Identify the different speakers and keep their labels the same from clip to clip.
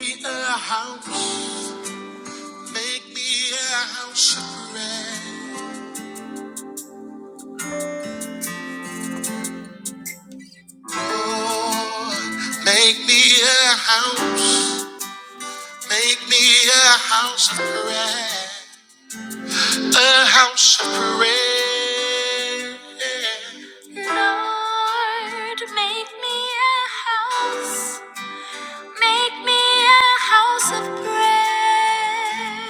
Speaker 1: Make me a house, make me a house of prayer. Lord, make me a house, make me a house of prayer. A house of prayer. Lord, make me a house. Make me a house of prayer.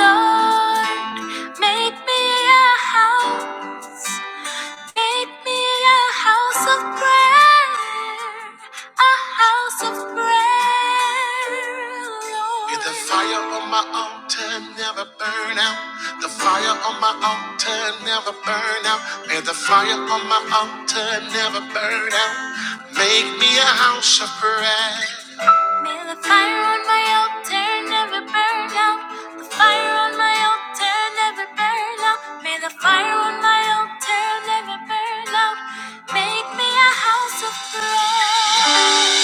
Speaker 1: Lord, make me a house. Make me a house of prayer, a house of prayer, Lord. May the fire on my altar never burn out. The fire on my altar never burn out. May the fire on my altar never burn out. Make me a house of prayer. May the fire on my altar never burn out. The fire on my altar never burn out. May the fire on my altar never burn out. Make me a house of prayer.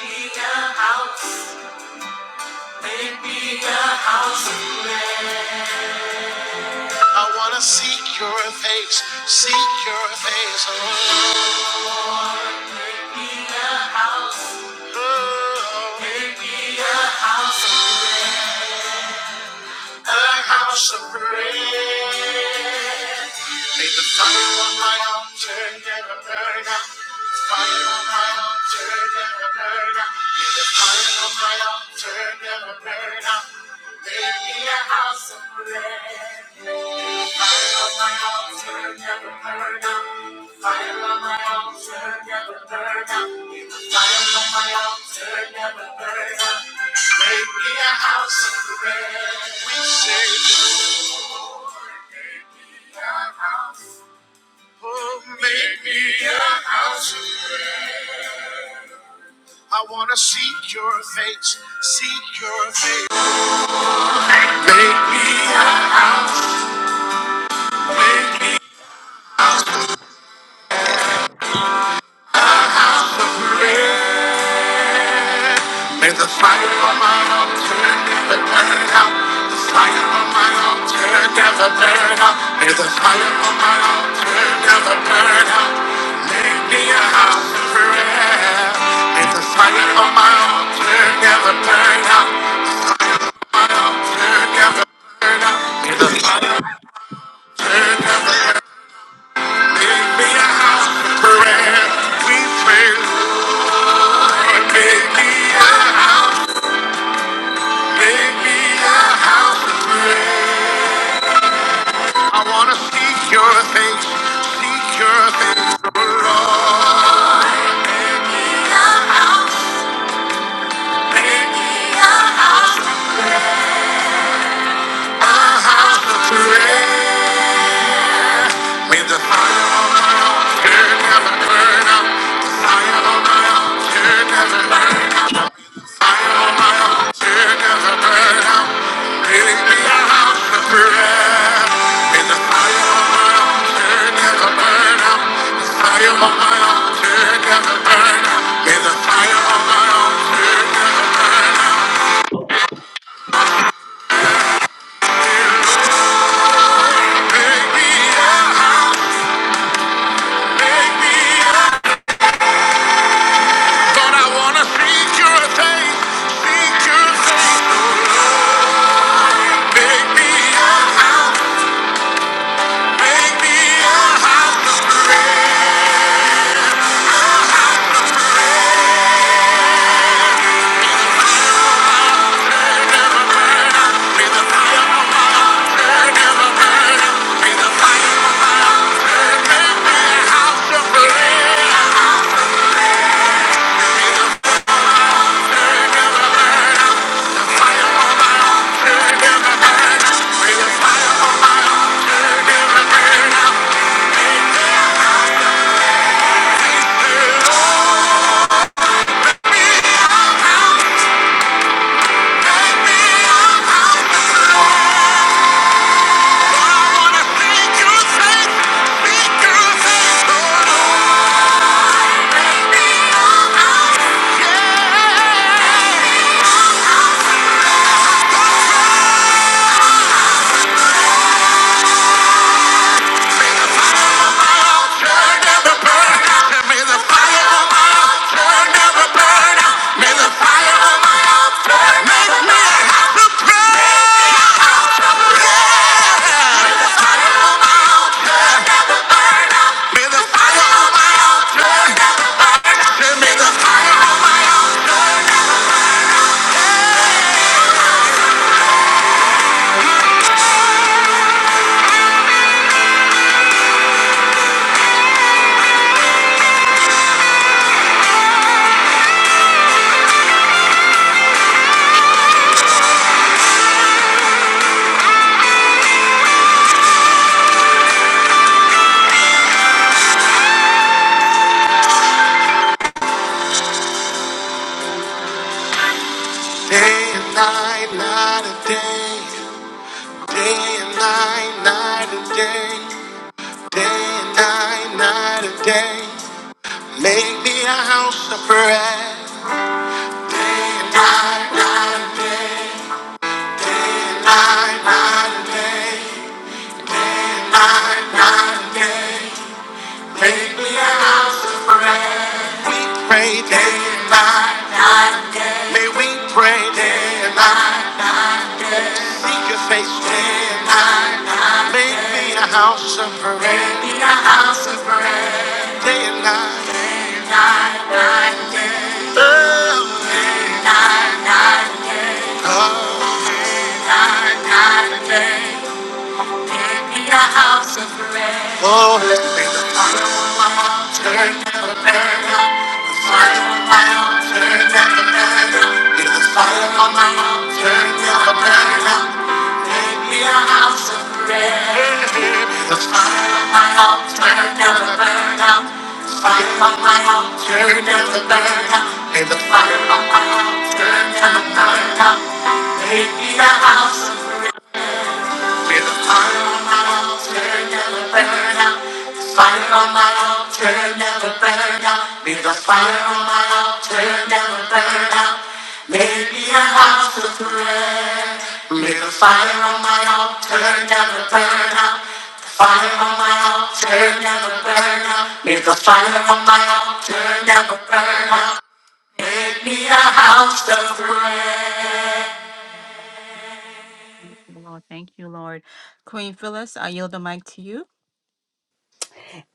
Speaker 1: Make a house. I wanna seek your face, seek your face. Oh, oh, oh. Make a house of prayer. May the fire on my altar never burn out. The fire on my altar never burn out. May the fire on my altar never burn out. Make me a house of prayer. May the Fire on my altar never burn out. The Fire on my altar never burn out. May the fire on my altar never burn out. Make me a house of prayer. We say, Lord, make me a house. I wanna seek your face, seek your face. Make me a house, make me out of bread. May the fire of my altar never burn out. The fire of my altar never burn out. May the fire of my altar never burn out. Make me a house of prayer. May the fire of my altar never burn out. I wanna seek your face, seek your face, oh Lord. Make me a house. Make me a house. May the fire Make me a house. Day and night, night and day, day and night, night and day, day and night, night and day. Make me a house of prayer. Pray, day. may we pray. day. Seek your face. day. Make me a house of prayer. Make me a house of prayer. Day and night. Oh, God. Make me a house of prayer. Oh, let me the fire on my altar. Be the fire on my altar. Be a house of prayer. on my house, turn down the burn down. Fire on my house, turn down the burn down. Hey, the fire on my house, turn down the burn down. Make me a house. of be the fire on my altar, never burn out. The fire on my altar, never burn out. Be the fire on my altar, never burn out. Make me a house of prayer. Be the fire on my altar, never burn out. The fire on my altar, never burn out. May the fire on my altar, never burn. me a house of prayer. Lord, thank you, Lord. Queen Phyllis, I yield the mic to you.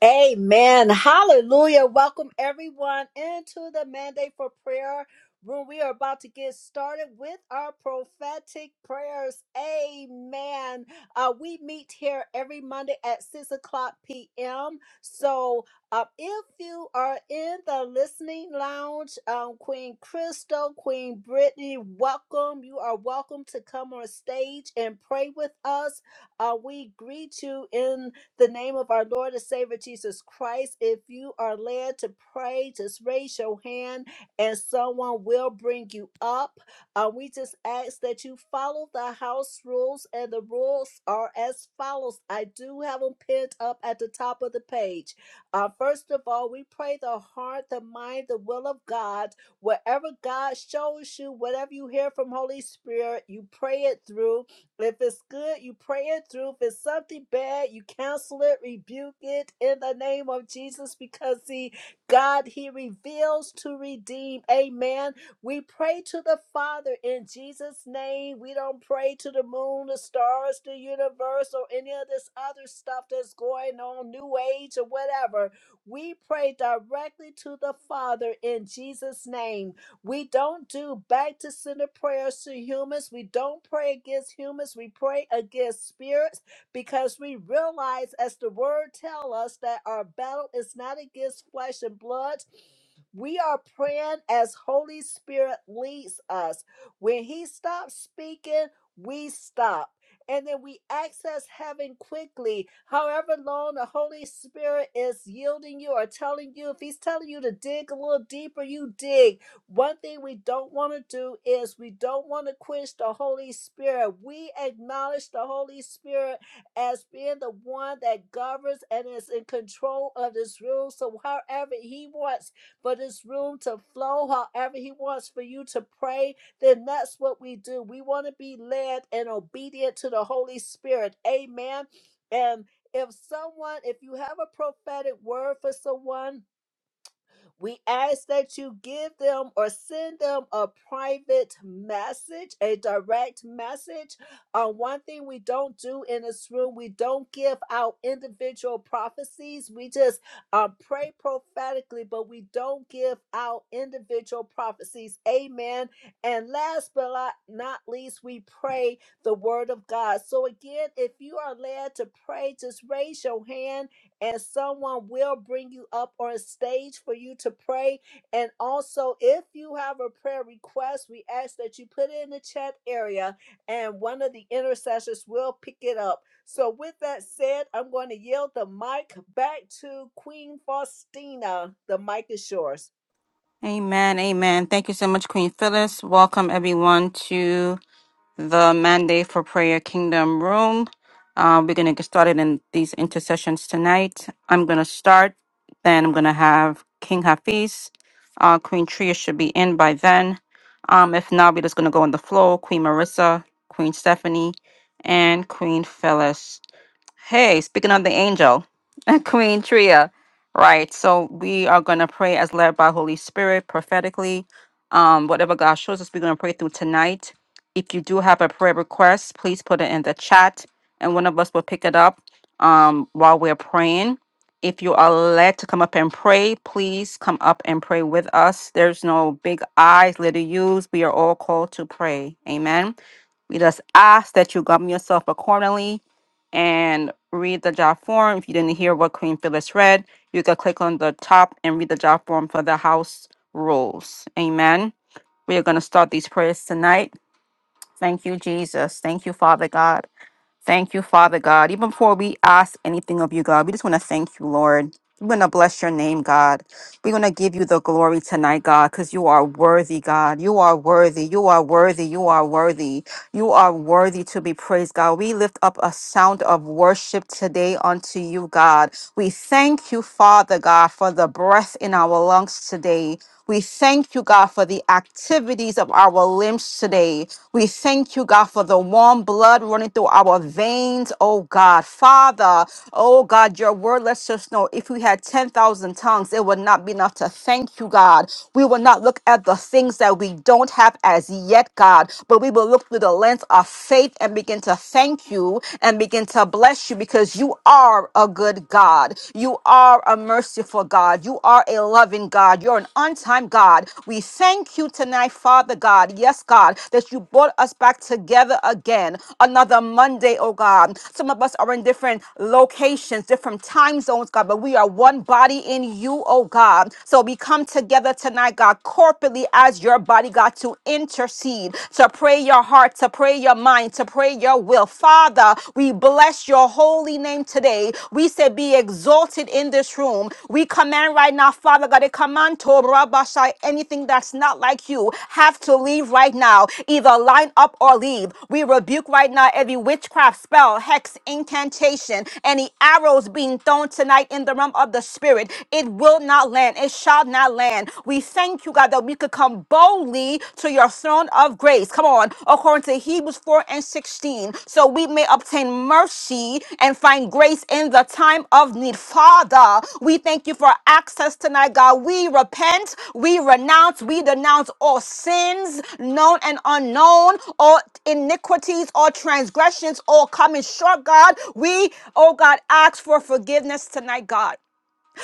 Speaker 2: Amen. Hallelujah. Welcome everyone into the mandate for prayer room. We are about to get started with our prophetic prayers. Amen. Uh, we meet here every Monday at 6 o'clock p.m. So uh, if you are in the listening lounge, um, Queen Crystal, Queen Brittany, welcome. You are welcome to come on stage and pray with us. Uh, we greet you in the name of our Lord and Savior Jesus Christ. If you are led to pray, just raise your hand and someone will bring you up. Uh, we just ask that you follow the house rules, and the rules are as follows. I do have them pinned up at the top of the page. Uh, first of all, we pray the heart, the mind, the will of God. Whatever God shows you, whatever you hear from Holy Spirit, you pray it through. If it's good, you pray it through. If it's something bad, you counsel it, rebuke it in the name of Jesus because, see, God, He reveals to redeem. Amen. We pray to the Father in Jesus' name. We don't pray to the moon, the stars, the universe, or any of this other stuff that's going on, New Age or whatever. We pray directly to the Father in Jesus' name. We don't do back to sender prayers to humans. We don't pray against humans. We pray against spirits because we realize, as the word tells us, that our battle is not against flesh and blood. We are praying as Holy Spirit leads us. When He stops speaking, we stop. And then we access heaven quickly. However long the Holy Spirit is yielding you or telling you, if He's telling you to dig a little deeper, you dig. One thing we don't want to do is we don't want to quench the Holy Spirit. We acknowledge the Holy Spirit as being the one that governs and is in control of this room. So, however, He wants but it's room to flow however He wants for you to pray, then that's what we do. We want to be led and obedient to the Holy Spirit. Amen. And if someone, if you have a prophetic word for someone, we ask that you give them or send them a private message, a direct message. Uh, one thing we don't do in this room, we don't give out individual prophecies. We just um, pray prophetically, but we don't give out individual prophecies. Amen. And last but li- not least, we pray the word of God. So again, if you are led to pray, just raise your hand and someone will bring you up on stage for you to pray. And also, if you have a prayer request, we ask that you put it in the chat area and one of the intercessors will pick it up. So, with that said, I'm going to yield the mic back to Queen Faustina. The mic is yours.
Speaker 1: Amen. Amen. Thank you so much, Queen Phyllis. Welcome everyone to the Mandate for Prayer Kingdom Room. Uh, we're going to get started in these intercessions tonight. I'm going to start, then I'm going to have King Hafiz. Uh, Queen Tria should be in by then. Um, if not, we're just going to go on the floor. Queen Marissa, Queen Stephanie, and Queen Phyllis. Hey, speaking of the angel, Queen Tria. Right. So we are going to pray as led by Holy Spirit prophetically. Um, whatever God shows us, we're going to pray through tonight. If you do have a prayer request, please put it in the chat and one of us will pick it up um, while we're praying. If you are led to come up and pray, please come up and pray with us. There's no big I's, little U's. We are all called to pray. Amen. We just ask that you govern yourself accordingly and read the job form. If you didn't hear what Queen Phyllis read, you could click on the top and read the job form for the house rules. Amen. We are going to start these prayers tonight. Thank you, Jesus. Thank you, Father God. Thank you, Father God. Even before we ask anything of you, God, we just want to thank you, Lord. We're going to bless your name, God. We're going to give you the glory tonight, God, because you are worthy, God. You are worthy. You are worthy. You are worthy. You are worthy to be praised, God. We lift up a sound of worship today unto you, God. We thank you, Father God, for the breath in our lungs today. We thank you, God, for the activities of our limbs today. We thank you, God, for the warm blood running through our veins, oh God. Father, oh God, your word lets us know if we had 10,000 tongues, it would not be enough to thank you, God. We will not look at the things that we don't have as yet, God, but we will look through the lens of faith and begin to thank you and begin to bless you because you are a good God. You are a merciful God. You are a loving God. You're an on time God. We thank you tonight, Father God. Yes, God, that you brought us back together again. Another Monday, oh God. Some of us are in different locations, different time zones, God, but we are one body in you, oh God. So we come together tonight, God, corporately as your body, God, to intercede, to pray your heart, to pray your mind, to to pray your will. Father, we bless your holy name today. We say, Be exalted in this room. We command right now, Father God, a command to Rabashai, anything that's not like you, have to leave right now. Either line up or leave. We rebuke right now every witchcraft spell, hex, incantation, any arrows being thrown tonight in the realm of the spirit. It will not land. It shall not land. We thank you, God, that we could could come boldly to your throne of grace. Come on, according to Hebrews 4 and 16, so we may obtain mercy and find grace in the time of need. Father, we thank you for access tonight, God. We repent, we renounce, we denounce all sins, known and unknown, all iniquities, all transgressions, all coming short, God. We, oh God, ask for forgiveness tonight, God.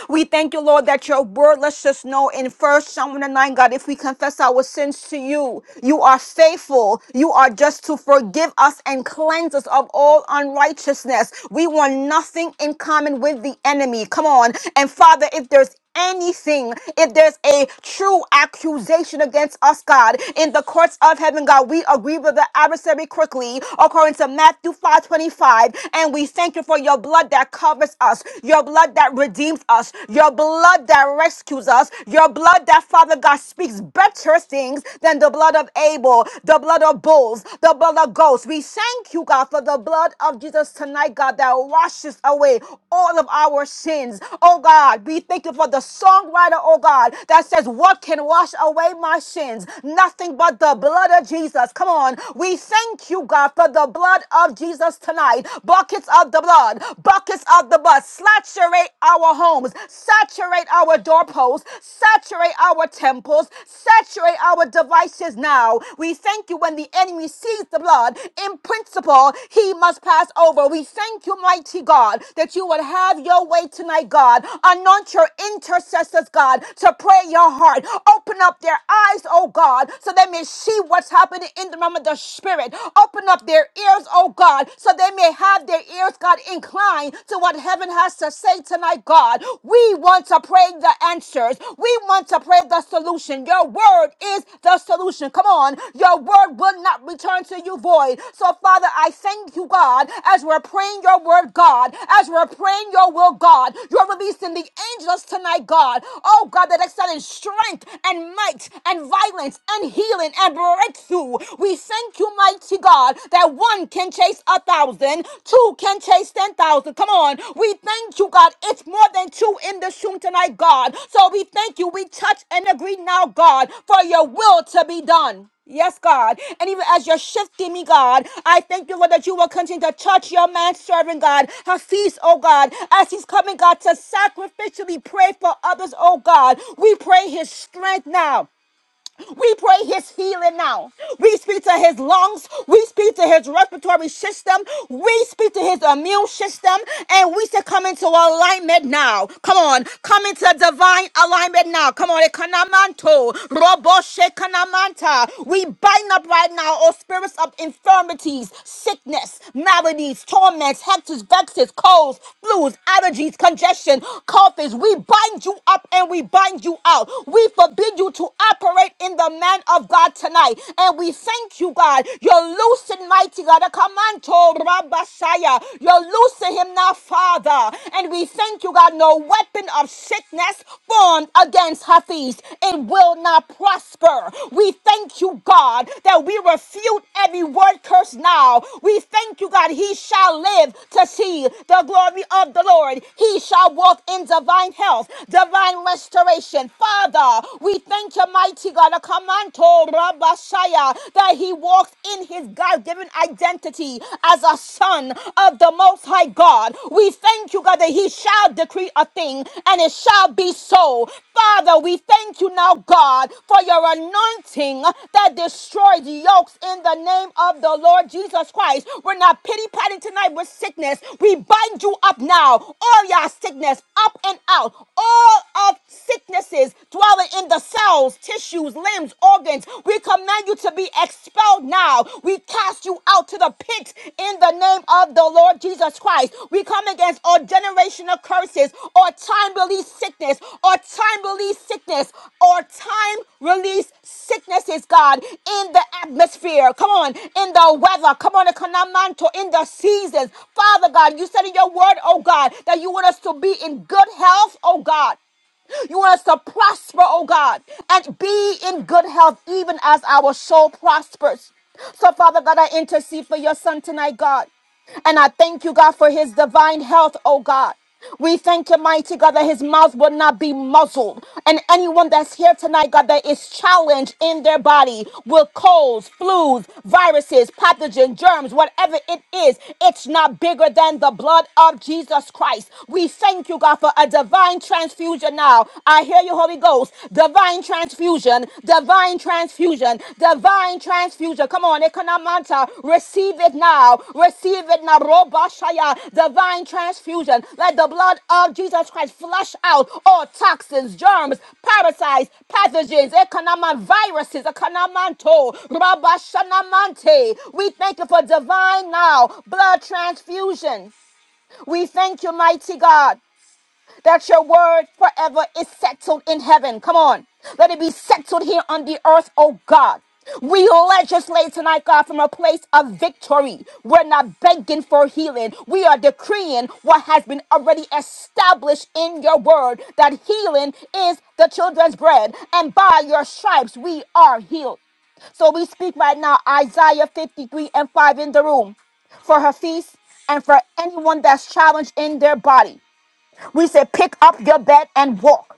Speaker 1: We thank you, Lord, that your word lets us know in First Samuel 9, God, if we confess our sins to you, you are faithful. You are just to forgive us and cleanse us of all unrighteousness. We want nothing in common with the enemy. Come on. And Father, if there's anything, if there's a true accusation against us, God, in the courts of heaven, God, we agree with the adversary quickly, according to Matthew 5 25, And we thank you for your blood that covers us, your blood that redeems us, your blood that rescues us, your blood that, Father God, speaks better things than the blood of Abel, the blood of bulls, the blood of goats. We thank you, God, for the blood of of Jesus tonight, God, that washes away all of our sins. Oh God, we thank you for the songwriter, oh God, that says, What can wash away my sins? Nothing but the blood of Jesus. Come on. We thank you, God, for the blood of Jesus tonight. Buckets of the blood, buckets of the blood. Saturate our homes, saturate our doorposts, saturate our temples, saturate our divine devices now. We thank you when the enemy sees the blood, in principle, he must pass over. We thank you, mighty God, that you would have your way tonight, God. Anoint your intercessors, God, to pray your heart. Open up their eyes, oh God, so they may see what's happening in the realm of the spirit. Open up their ears, oh God, so they may have their ears, God, inclined to what heaven has to say tonight, God. We want to pray the answers. We want to pray the solution. Your word is the solution. Come on. Your word will not return to you void. So, Father, I thank you, God, as we're praying your word, God, as we're praying your will, God. You're releasing the angels tonight, God. Oh, God, that excel in strength and might and violence and healing and breakthrough. We thank you, mighty God, that one can can chase a thousand, two can chase ten thousand. Come on, we thank you, God. It's more than two in this room tonight, God. So we thank you. We touch and agree now, God, for your will to be done. Yes, God. And even as you're shifting me, God, I thank you, Lord, that you will continue to touch your man servant, God. Hafiz, oh God, as he's coming, God, to sacrificially pray for others, oh God. We pray his strength now. We pray his healing now. We speak to his lungs. We speak to his respiratory system. We speak to his immune system. And we say, come into alignment now. Come on. Come into divine alignment now. Come on. Ekanamanto. Roboshe kanamanta. We bind up right now all spirits of infirmities, sickness, maladies, torments, hectors, vexes, colds, flus, allergies, congestion, coughs. We bind you up and we bind you out. We forbid you to to operate in the man of God tonight. And we thank you, God. You're loosing mighty God. Akamanto Rabasaya. You're loosing him now, Father. And we thank you, God. No weapon of sickness formed against Hafiz. It will not prosper. We thank you, God, that we refute every word curse now. We thank you, God. He shall live to see the glory of the Lord. He shall walk in divine health, divine restoration. Father, we thank you, mighty God. Akamanto Rabashaya, that he walks in his God given identity as a son of the Most High God. We thank you, God, that he shall decree a thing and it shall be so. Father, we thank you now, God, for your anointing that destroys yokes in the name of the Lord Jesus Christ. We're not pity patting tonight with sickness. We bind you up now. All your sickness, up and out. All of sickness sicknesses dwelling in the cells, tissues, limbs, organs. We command you to be expelled now. We cast you out to the pits in the name of the Lord Jesus Christ. We come against all generational curses or time release sickness or time release sickness or time release sicknesses, God, in the atmosphere. Come on, in the weather. Come on, Ekanamanto, in the seasons. Father God, you said in your word, oh God, that you want us to be in good health, oh God. You want us to prosper, oh God, and be in good health, even as our soul prospers. So, Father God, I intercede for your son tonight, God. And I thank you, God, for his divine health, oh God. We thank you, mighty God, that his mouth will not be muzzled. And anyone that's here tonight, God, that is challenged in their body with colds, flus, viruses, pathogen, germs, whatever it is, it's not bigger than the blood of Jesus Christ. We thank you, God, for a divine transfusion now. I hear you, Holy Ghost. Divine transfusion transfusion, divine transfusion, divine transfusion. Come on, Ekonamanta, receive it now, receive it now. Robashaya, divine transfusion. Let the blood of Jesus Christ flush out all toxins, germs, parasites, pathogens, Ekonama viruses, Ekonamanto, Rabashanamante. We thank you for divine now blood transfusion. We thank you, mighty God that your word forever is settled in heaven. Come on. Let it be settled here on the earth, oh God. We legislate tonight, God, from a place of victory. We're not begging for healing. We are decreeing what has been already established in your word that healing is the children's bread, and by your stripes we are healed. So we speak right now, Isaiah 53 and 5 in the room for her feast and for anyone that's challenged in their body. We say, pick up your bed and walk.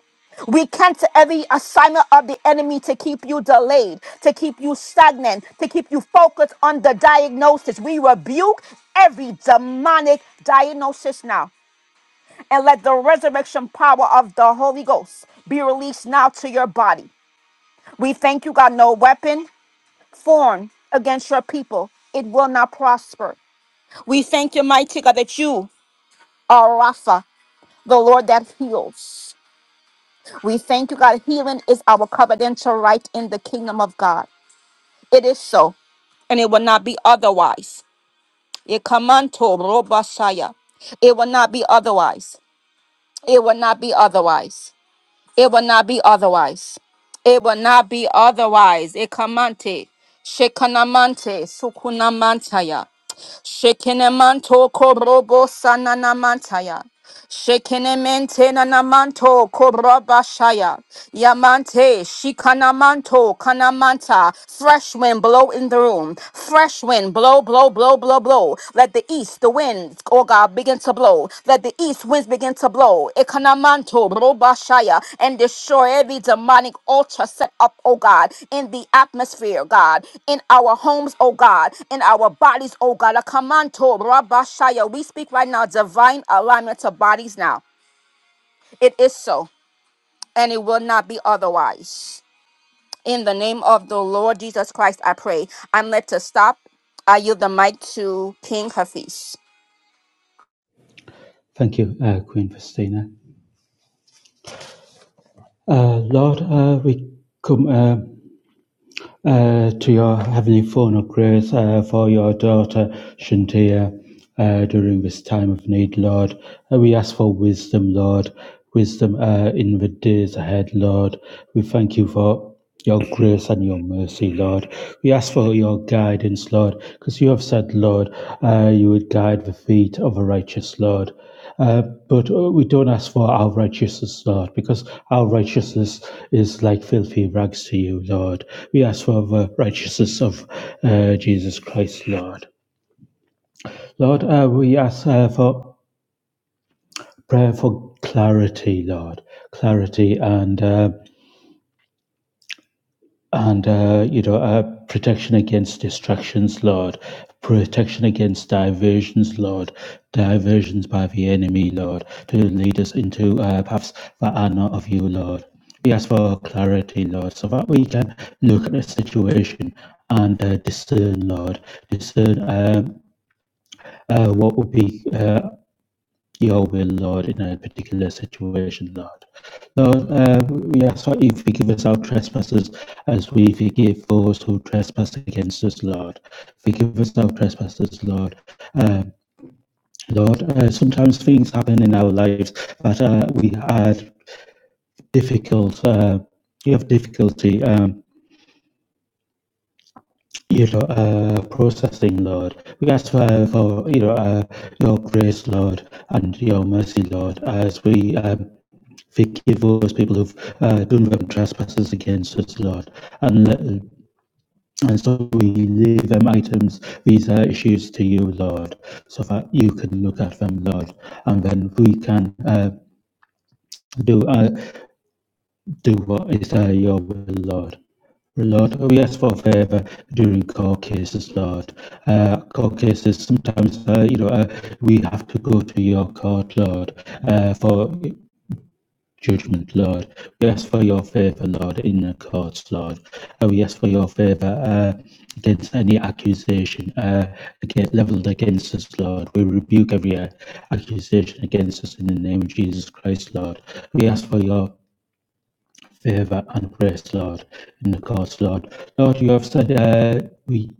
Speaker 1: We cancel every assignment of the enemy to keep you delayed, to keep you stagnant, to keep you focused on the diagnosis. We rebuke every demonic diagnosis now. And let the resurrection power of the Holy Ghost be released now to your body. We thank you, God. No weapon formed against your people, it will not prosper. We thank you, mighty God, that you are Rapha, the Lord that heals. We thank you, God. Healing is our covenantal right in the kingdom of God. It is so, and it will not be otherwise. Ikamanto robasaya. It will not be otherwise. It will not be otherwise. It will not be otherwise. It will not be otherwise. Ikamante, shekanamante, sukunamantaya. Shekenemanto korobo sananamantaya. Shekenemente nanamanto korabashaya. Yamante shikanamanto kanamanta. Fresh wind blow in the room. Fresh wind blow, blow, blow, blow, blow. Let the east, the winds, oh God, begin to blow. Let the east winds begin to blow Ekanamanto Robashaya and destroy every demonic altar set up, oh God, in the atmosphere, God, in our homes, oh God, in our bodies, oh God. Ekamanto Rabashaya. We speak right now divine alignment to bodies now. It is so, and it will not be otherwise. In the name of the Lord Jesus Christ, I pray. I'm led to stop. I yield the mic to King Hafiz.
Speaker 3: Thank you, uh, Queen Faustina. Uh, Lord, uh, we come uh, uh, to your heavenly throne of grace uh, for your daughter Shantia uh, during this time of need, Lord. Uh, we ask for wisdom, Lord, wisdom uh, in the days ahead, Lord. We thank you for your grace and your mercy, Lord. We ask for your guidance, Lord, because you have said, Lord, uh, you would guide the feet of the righteous, Lord. Uh, but uh, we don't ask for our righteousness, Lord, because our righteousness is like filthy rags to you, Lord. We ask for the righteousness of uh, Jesus Christ, Lord. Lord, uh, we ask uh, for prayer for clarity, Lord, clarity and uh, and uh, you know uh, protection against distractions lord protection against diversions lord diversions by the enemy lord to lead us into uh, paths that are not of you lord we ask for clarity lord so that we can look at the situation and uh, discern lord discern um, uh, what would be uh, your will, Lord, in a particular situation, Lord. Lord, uh, we ask for you to forgive us our trespasses as we forgive those who trespass against us, Lord. Forgive us our trespasses, Lord. Um, Lord, uh, sometimes things happen in our lives that uh, we had difficult, uh, you have difficulty. Um, you know, uh, processing, Lord. We ask for, uh, for you know, uh, your grace, Lord, and your mercy, Lord, as we um, forgive those people who've uh, done them trespasses against us, Lord. And, let- and so we leave them items, these uh, issues to you, Lord, so that you can look at them, Lord, and then we can uh, do uh, do what is uh, your will, Lord. Lord, we ask for favor during court cases, Lord. Uh, court cases, sometimes, uh, you know, uh, we have to go to your court, Lord, uh, for judgment, Lord. We ask for your favor, Lord, in the courts, Lord. And we ask for your favor uh, against any accusation uh, against, leveled against us, Lord. We rebuke every uh, accusation against us in the name of Jesus Christ, Lord. We ask for your favor and grace, Lord, in the courts, Lord. Lord, you have said uh, we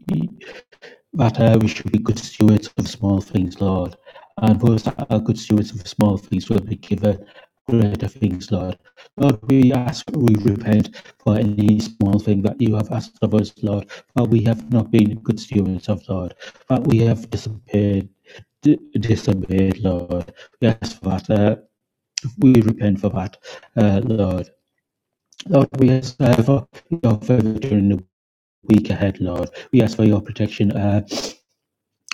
Speaker 3: that uh, we should be good stewards of small things, Lord. And those that are good stewards of small things will be given greater things, Lord. Lord, we ask, we repent for any small thing that you have asked of us, Lord, that we have not been good stewards of, Lord, that we have disobeyed. d- Disobeyed, Lord. We ask for that. Uh, we repent for that, uh, Lord. Lord, we ask uh, for your favor during the week ahead, Lord. We ask for your protection. Uh,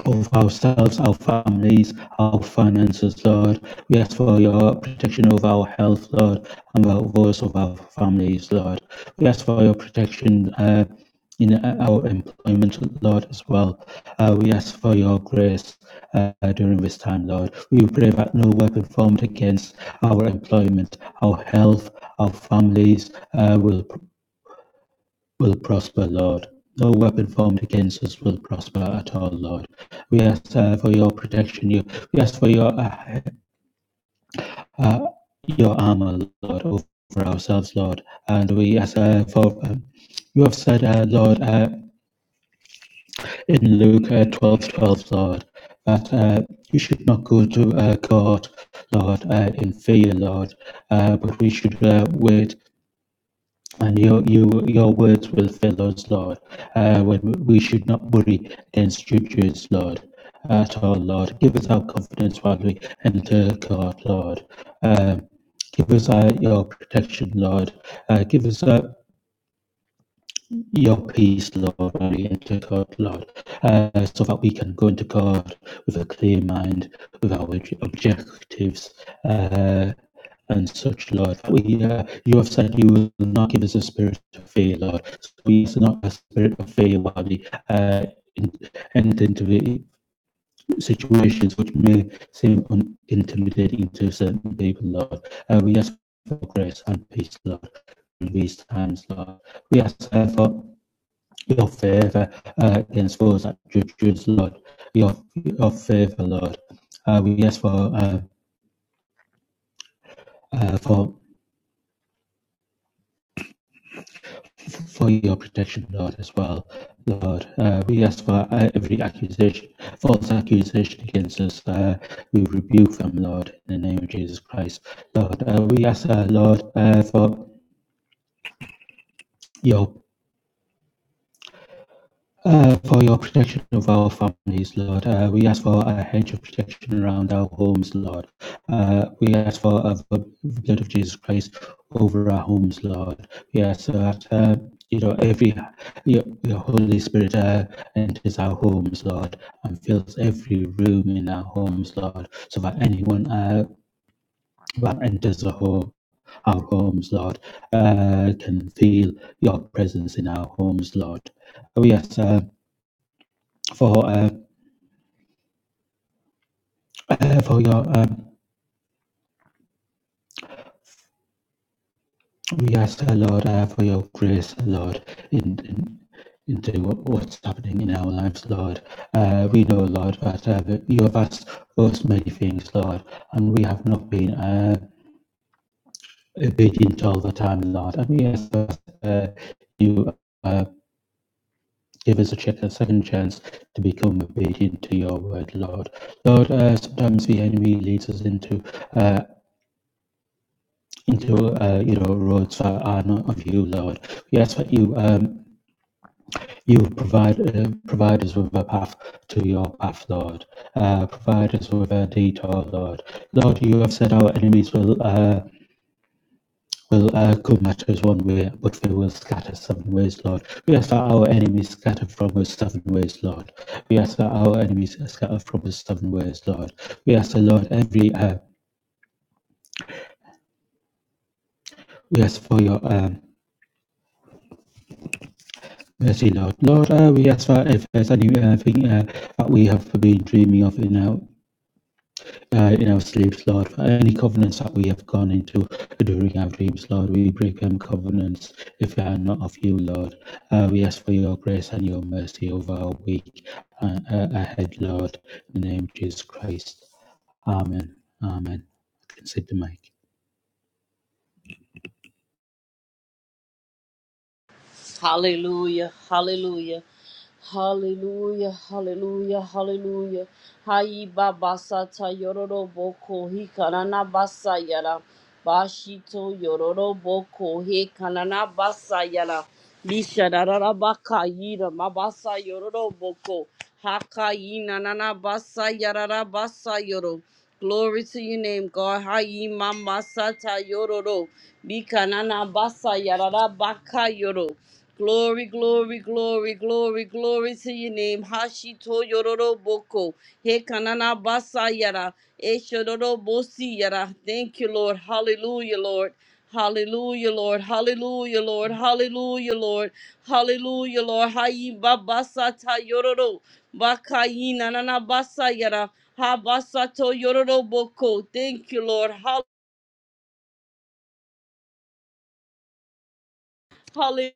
Speaker 3: of ourselves, our families, our finances, Lord. We ask for your protection of our health, Lord, and the voice of our families, Lord. We ask for your protection uh, in uh, our employment, Lord, as well. Uh, we ask for your grace uh, during this time, Lord. We pray that no weapon formed against our employment, our health, our families uh, will will prosper, Lord. No weapon formed against us will prosper at all, Lord. We ask uh, for your protection. You, we ask for your uh, uh, your armor, Lord, over ourselves, Lord. And we ask uh, for um, you have said, uh, Lord, uh, in Luke uh, twelve twelve, Lord, that uh, we should not go to uh, God, Lord, uh, in fear, Lord, uh, but we should uh, wait And your, you, your words will fill us, Lord. Uh, when we should not worry against your Jews, Lord, at all, Lord. Give us our confidence while we enter, God, Lord. Um, give us uh, your protection, Lord. Uh, give us uh, your peace, Lord, when we enter God, Lord, uh, so that we can go into God with a clear mind, with our objectives, uh, and such, Lord. That we, uh, you have said you will not give us a spirit of fear, Lord. So we is not a spirit of fear while we uh, in, enter into the situations which may seem un- intimidating to certain people, Lord. Uh, we ask for grace and peace, Lord, in these times, Lord. We ask uh, for your favor uh, against those that judge us, Lord. Your, your favor, Lord. Uh, we ask for, uh, uh, for, for your protection, Lord, as well, Lord. Uh, we ask for uh, every accusation, false accusation against us. Uh, we rebuke them, Lord, in the name of Jesus Christ, Lord. Uh, we ask, uh, Lord, uh, for your Uh, for your protection of our families, Lord, uh, we ask for a hedge of protection around our homes, Lord. Uh, we ask for uh, the blood of Jesus Christ over our homes, Lord. We ask that uh, you know every your, your Holy Spirit uh, enters our homes, Lord, and fills every room in our homes, Lord, so that anyone uh, that enters the home our homes, Lord, uh, can feel your presence in our homes, Lord. We ask uh, for uh, uh, for your um, we ask the Lord uh, for your grace, Lord, in, in into what, what's happening in our lives, Lord. Uh, we know, Lord, that uh, that you have asked us many things, Lord, and we have not been uh, obedient all the time, Lord. And we ask that uh, you. Uh, Give us a, check, a second chance to become obedient to your word, Lord. Lord, uh, sometimes the enemy leads us into uh, into uh, you know roads that are not of you, Lord. We ask that you um, you provide uh, provide us with a path to your path, Lord. Uh, provide us with a detour, Lord. Lord, you have said our enemies will uh, will uh, come at us one way, but they will scatter seven ways, Lord. We ask that our enemies scatter from us seven ways, Lord. We ask that our enemies scatter from us seven ways, Lord. We ask the Lord every uh, we ask for your um, Uh, say Lord, uh, we ask for advice on everything uh, that we have been dreaming of in our uh, in our sleeps, Lord. For any covenants that we have gone into during our dreams, Lord, we break them covenants if they are not of you, Lord. Uh, we ask for your grace and your mercy over our week uh, uh, ahead, Lord. In the name of Jesus Christ, Amen. Amen. Consider can the mic.
Speaker 4: Hallelujah, hallelujah, hallelujah, hallelujah, hallelujah. Hai baba sata yororo boko hi kanana basa yara. Bashito yororo boko he kanana basa yara. Lisha darara baka yira mabasa yororo boko. Haka yi nanana basa yarara basa yoro. Glory to your name, God. Hayi mama sata yororo. Bika nana basa yarara baka yoro. Glory, glory, glory, glory, glory to your name. Hashito yororo boko. He kanana basa yara. Eshororo bosi yara. Thank you, Lord. Hallelujah, Lord. Hallelujah, Lord. Hallelujah, Lord. Hallelujah, Lord. Hallelujah, Lord. Hayi babasa ta yororo. Baka yi nanana basa yara. Habasato Yoroboko. Thank you, Lord. Hall- Hallelujah.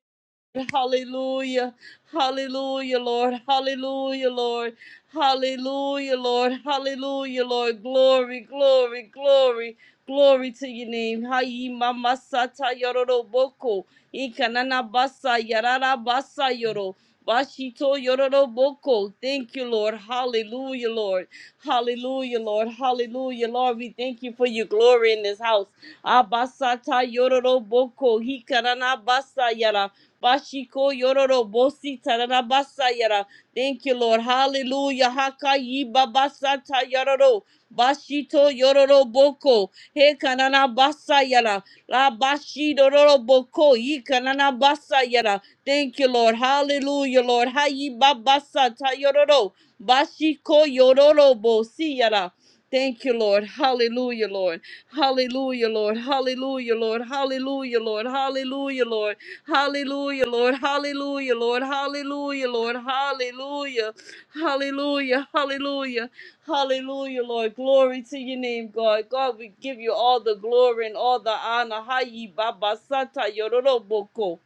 Speaker 4: Hallelujah. Hallelujah, Lord. Hallelujah, Lord. Hallelujah, Lord. Hallelujah, Lord. Glory, glory, glory. Glory to your name. Hayi mama sata yororo boko. Ikanana basa yarara basa yoro. Bashito yororo boko. Thank you, Lord. Hallelujah, Lord. Hallelujah, Lord. Hallelujah, Lord. We thank you for your glory in this house. Abasata yororo boko hikarana basa yara. Bashiko yororo bosi tarana basa yara. Thank you, Lord. Hallelujah. Haka yiba basata yororo. Bashito yororo boko. He kanana basa yara. La bashi dororo boko. Yi kanana basa yara. Thank you, Lord. Hallelujah, Lord. Hayi babasa ta yororo. Bashiko yororo bosi yara. Thank you, Lord. Hallelujah, Lord. Hallelujah, Lord. Hallelujah, Lord. Hallelujah, Lord. Hallelujah, Lord. Hallelujah, Lord. Hallelujah, Lord. Hallelujah, Lord. Hallelujah. Hallelujah. Hallelujah. Hallelujah, Lord. Glory to your name, God. God, we give you all the glory and all the honor. Hayi Baba Sata Yororoboko.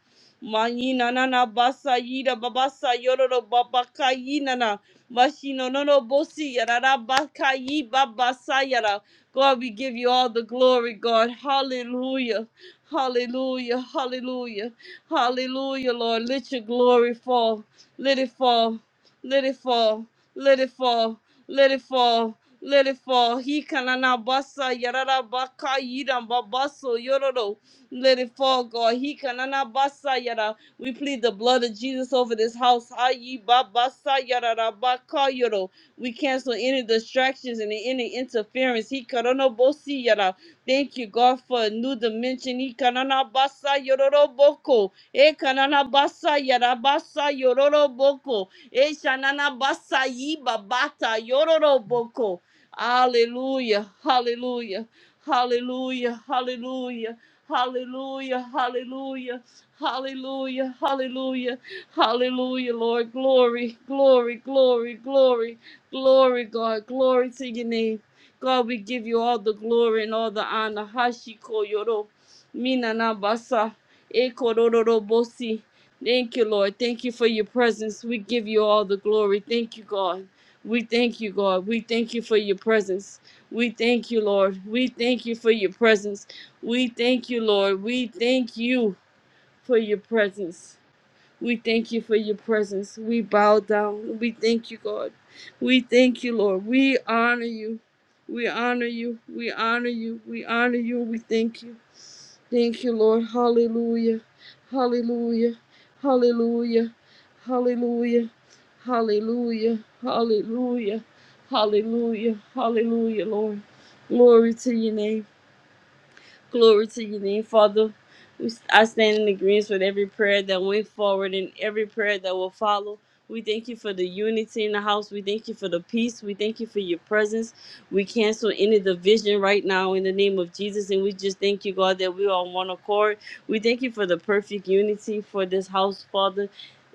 Speaker 4: Mayina nana basa yida babasa yororo babaka yinana. Mashino no no bosi yara ra ba ka yi ba ba yara. God, we give you all the glory, God. Hallelujah. Hallelujah. Hallelujah. Hallelujah, Lord. Let your glory fall. Let it fall. Let it fall. Let it fall. Let it fall. Let it fall. He kanana basa yarara baka yidam babaso yororo. Let it fall, God. He kanana basa yara. We plead the blood of Jesus over this house. Ayi baba sa ya ra ra ba ka yo ro. We cancel any distractions and any interference. He ka ra no bo si ya ra. Thank you, God, for a new dimension. He ka ra na ba sa yo ro ro bo ko. E ka ra na ba sa ya ra ba sa yo ro ro bo ko. E sha na na ba sa yi ba ba ta yo ro ro bo ko. Hallelujah, hallelujah, hallelujah, hallelujah, hallelujah, hallelujah. Hallelujah, hallelujah, hallelujah, Lord. Glory, glory, glory, glory, glory, God. Glory to your name. God, we give you all the glory and all the honor. Hashiko yoro, minanabasa, ekorororobosi. Thank you, Lord. Thank you for your presence. We give you all the glory. Thank you, God. We thank you, God. We thank you for your presence. We thank you, Lord. We thank you for your presence. We thank you, Lord. We thank you for your presence. We thank you for your presence. We bow down. We thank you, God. We thank you, Lord. We honor you. We honor you. We honor you. We honor you. We thank you. Thank you, Lord. Hallelujah. Hallelujah. Hallelujah. Hallelujah. Hallelujah. Hallelujah. Hallelujah. Hallelujah, Lord. Glory to your name. Glory to your name, Father. We, I stand in agreement with every prayer that went forward and every prayer that will follow. We thank you for the unity in the house. We thank you for the peace. We thank you for your presence. We cancel any division right now in the name of Jesus. And we just thank you, God, that we are on one accord. We thank you for the perfect unity for this house, Father.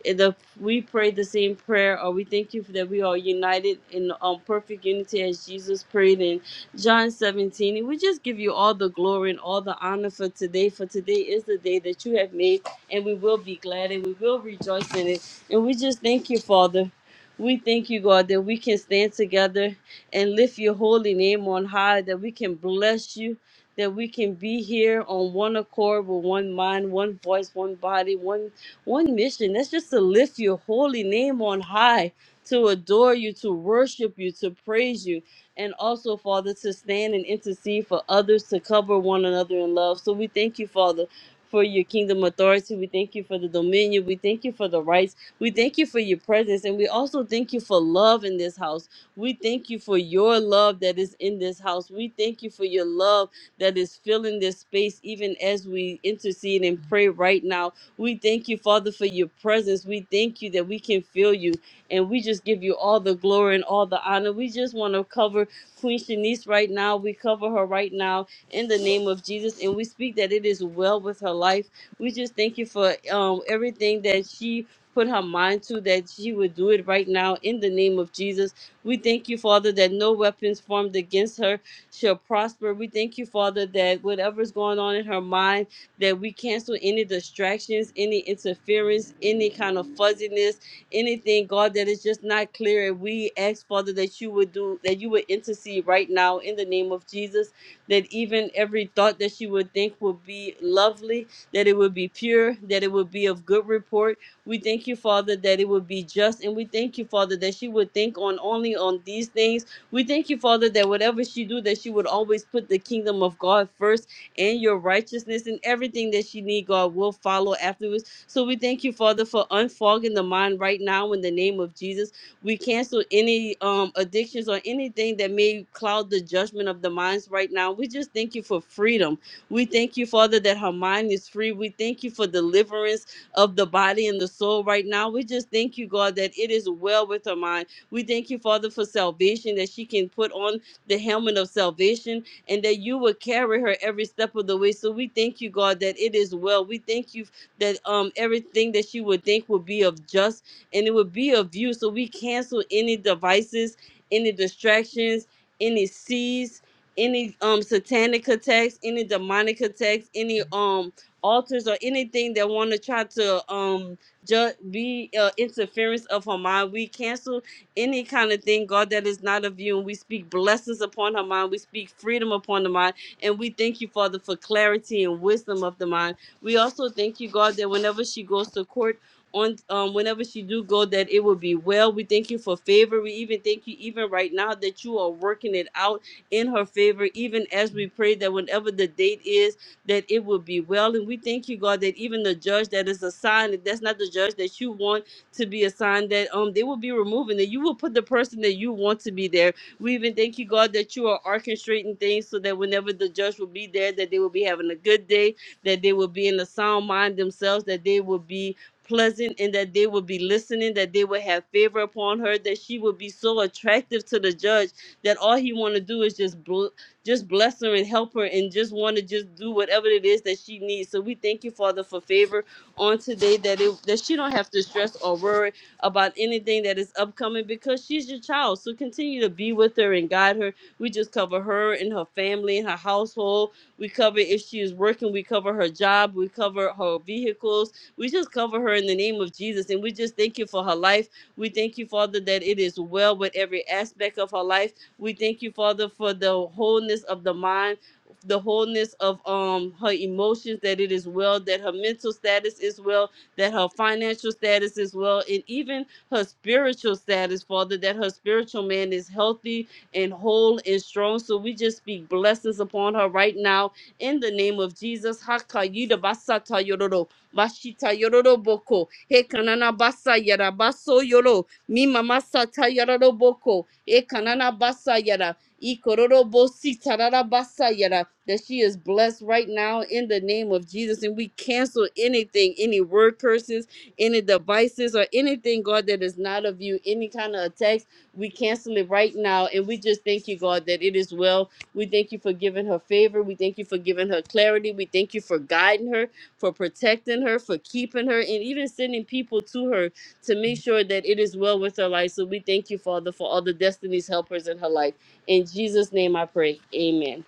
Speaker 4: And The, we pray the same prayer, or we thank you for that we are united in um, perfect unity as Jesus prayed John 17. And we just give you all the glory and all the honor for today. For today is the day that you have made, and we will be glad and we will rejoice in it. And we just thank you, Father. We thank you, God, that we can stand together and lift your holy name on high, that we can bless you, that we can be here on one accord with one mind, one voice, one body, one one mission. That's just to lift your holy name on high, to adore you, to worship you, to praise you and also, Father, to stand and intercede for others to cover one another in love. So we thank you, Father, for your kingdom authority. We thank you for the dominion. We thank you for the rights. We thank you for your presence. And we also thank you for love in this house. We thank you for your love that is in this house. We thank you for your love that is filling this space, even as we intercede and pray right now. We thank you, Father, for your presence. We thank you that we can feel you. And we just give you all the glory and all the honor. We just want to cover Queen Shanice right now. We cover her right now in the name of Jesus, and we speak that it is well with her life. We just thank you for um, everything that she put her mind to, that she would do it right now in the name of Jesus. We thank you, Father, that no weapons formed against her shall prosper. We thank you, Father, that whatever's going on in her mind, that we cancel any distractions, any interference, any kind of fuzziness anything, God, that is just not clear. And we ask, Father, that you would do, that you would intercede right now in the name of Jesus, that even every thought that she would think would be lovely, that it would be pure, that it would be of good report. We thank you, Father, that it would be just. And we thank you, Father, that she would think on only on these things. We thank you, Father, that whatever she do, that she would always put the kingdom of God first and your righteousness and everything that she need, God, will follow afterwards so we thank you, Father, for unfogging the mind right now in the name of Jesus. We cancel any um, addictions or anything that may cloud the judgment of the minds right now. We just thank you for freedom. We thank you, Father, that her mind is free. We thank you for deliverance of the body and the soul right now. We just thank you, God, that it is well with her mind. We thank you, Father, for salvation, that she can put on the helmet of salvation and that you will carry her every step of the way. So we thank you, God, that it is well. We thank you that um everything that you would think would be of just and it would be of you. So we cancel any devices, any distractions, any seeds, any um satanic attacks, any demonic attacks, any um altars or anything that want to try to um just be uh, interference of her mind. We cancel any kind of thing, God, that is not of you. And we speak blessings upon her mind. We speak freedom upon the mind. And we thank you, Father, for clarity and wisdom of the mind. We also thank you, God, that whenever she goes to court, on um, whenever she do go, that it will be well. We thank you for favor. We even thank you, even right now, that you are working it out in her favor. Even as we pray that whenever the date is, that it will be well. And we thank you, God, that even the judge that is assigned, if that's not the judge that you want to be assigned, that um they will be removing that you will put the person that you want to be there. We even thank you, God, that you are orchestrating things so that whenever the judge will be there, that they will be having a good day that they will be in a sound mind themselves, that they will be pleasant and that they will be listening, that they will have favor upon her, that she will be so attractive to the judge that all he want to do is just bl- just bless her and help her and just want to just do whatever it is that she needs. So we thank you, Father, for favor on today that it that she don't have to stress or worry about anything that is upcoming because she's your child. So continue to be with her and guide her. We just cover her and her family and her household we cover if she is working. We cover her job. We cover her vehicles. We just cover her in the name of Jesus. And we just thank you for her life. We thank you, Father, that it is well with every aspect of her life. We thank you, Father, for the wholeness of the mind, the wholeness of um her emotions, that it is well, that her mental status is well, that her financial status is well, and even her spiritual status, Father, that her spiritual man is healthy, and whole and strong. So we just speak blessings upon her right now in the name of Jesus. Hakayida basata yororo, bashita yororo boko, hekanana basa yara baso yoro, mima masata yaroro boko, hekanana basa yara. Ikororo bosi tarara basa yara. That she is blessed right now in the name of Jesus. And we cancel anything, any word curses, any devices, or anything, God, that is not of you, any kind of attacks we cancel it right now. And we just thank you, God, that it is well. We thank you for giving her favor. We thank you for giving her clarity. We thank you for guiding her, for protecting her, for keeping her, and even sending people to her to make sure that it is well with her life. So we thank you, Father, for all the destiny's helpers in her life. In Jesus' name I pray. Amen.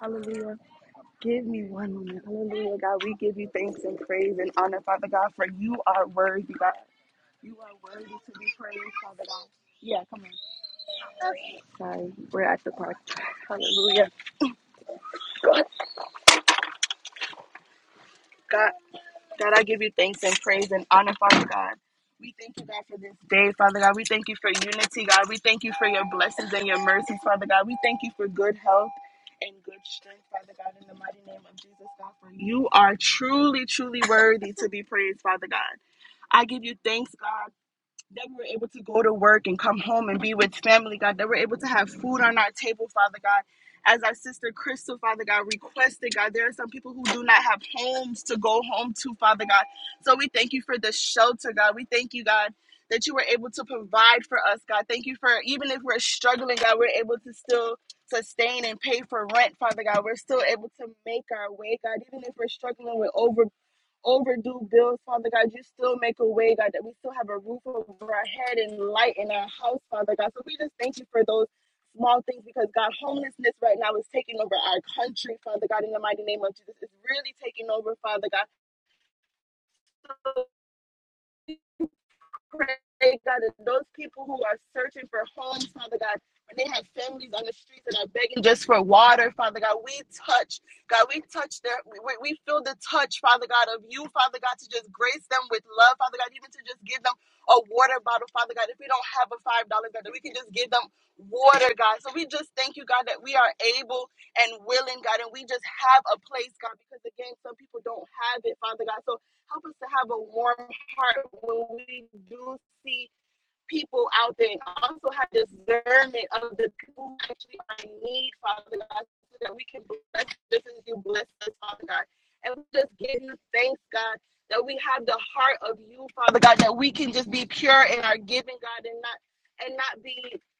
Speaker 5: Hallelujah. Give me one moment. Hallelujah, God. We give you thanks and praise and honor, Father God, for you are worthy, God. You are worthy to be praised, Father God. Yeah, come on. Sorry, we're at the park. Hallelujah. God, God, God, I give you thanks and praise and honor, Father God. We thank you, God, for this day, Father God. We thank you for unity, God. We thank you for your blessings and your mercies, Father God. We thank you for good health and good strength, Father God, in the mighty name of Jesus, God. For you are truly, truly worthy to be praised, Father God. I give you thanks, God, that we were able to go to work and come home and be with family, God, that we're able to have food on our table, Father God. As our sister Crystal, Father God, requested, God, there are some people who do not have homes to go home to, Father God. So we thank you for the shelter, God. We thank you, God, that you were able to provide for us, God. Thank you for, even if we're struggling, God, we're able to still sustain and pay for rent, Father God. We're still able to make our way, God, even if we're struggling with over overdue bills, Father God. You still make a way, God, that we still have a roof over our head and light in our house, Father God. So we just thank you for those small things because, God, homelessness right now is taking over our country, Father God, in the mighty name of Jesus. It's really taking over, Father God. So pray, God, that those people who are searching for homes, Father God, when they have families on the streets that are begging just for water, Father God, we touch, God, we touch their, we, we feel the touch, Father God, of you, Father God, to just grace them with love, Father God, even to just give them a water bottle, Father God. If we don't have a $5, God, that we can just give them water, God. So we just thank you, God, that we are able and willing, God, and we just have a place, God, because again, some people don't have it, Father God. So Help us to have a warm heart when we do see people out there. also have discernment of the people who actually are in need, Father God, so that we can bless just as you bless us, Father God. And we just give you thanks, God, that we have the heart of you, Father God, that we can just be pure in our giving, God, and not and not be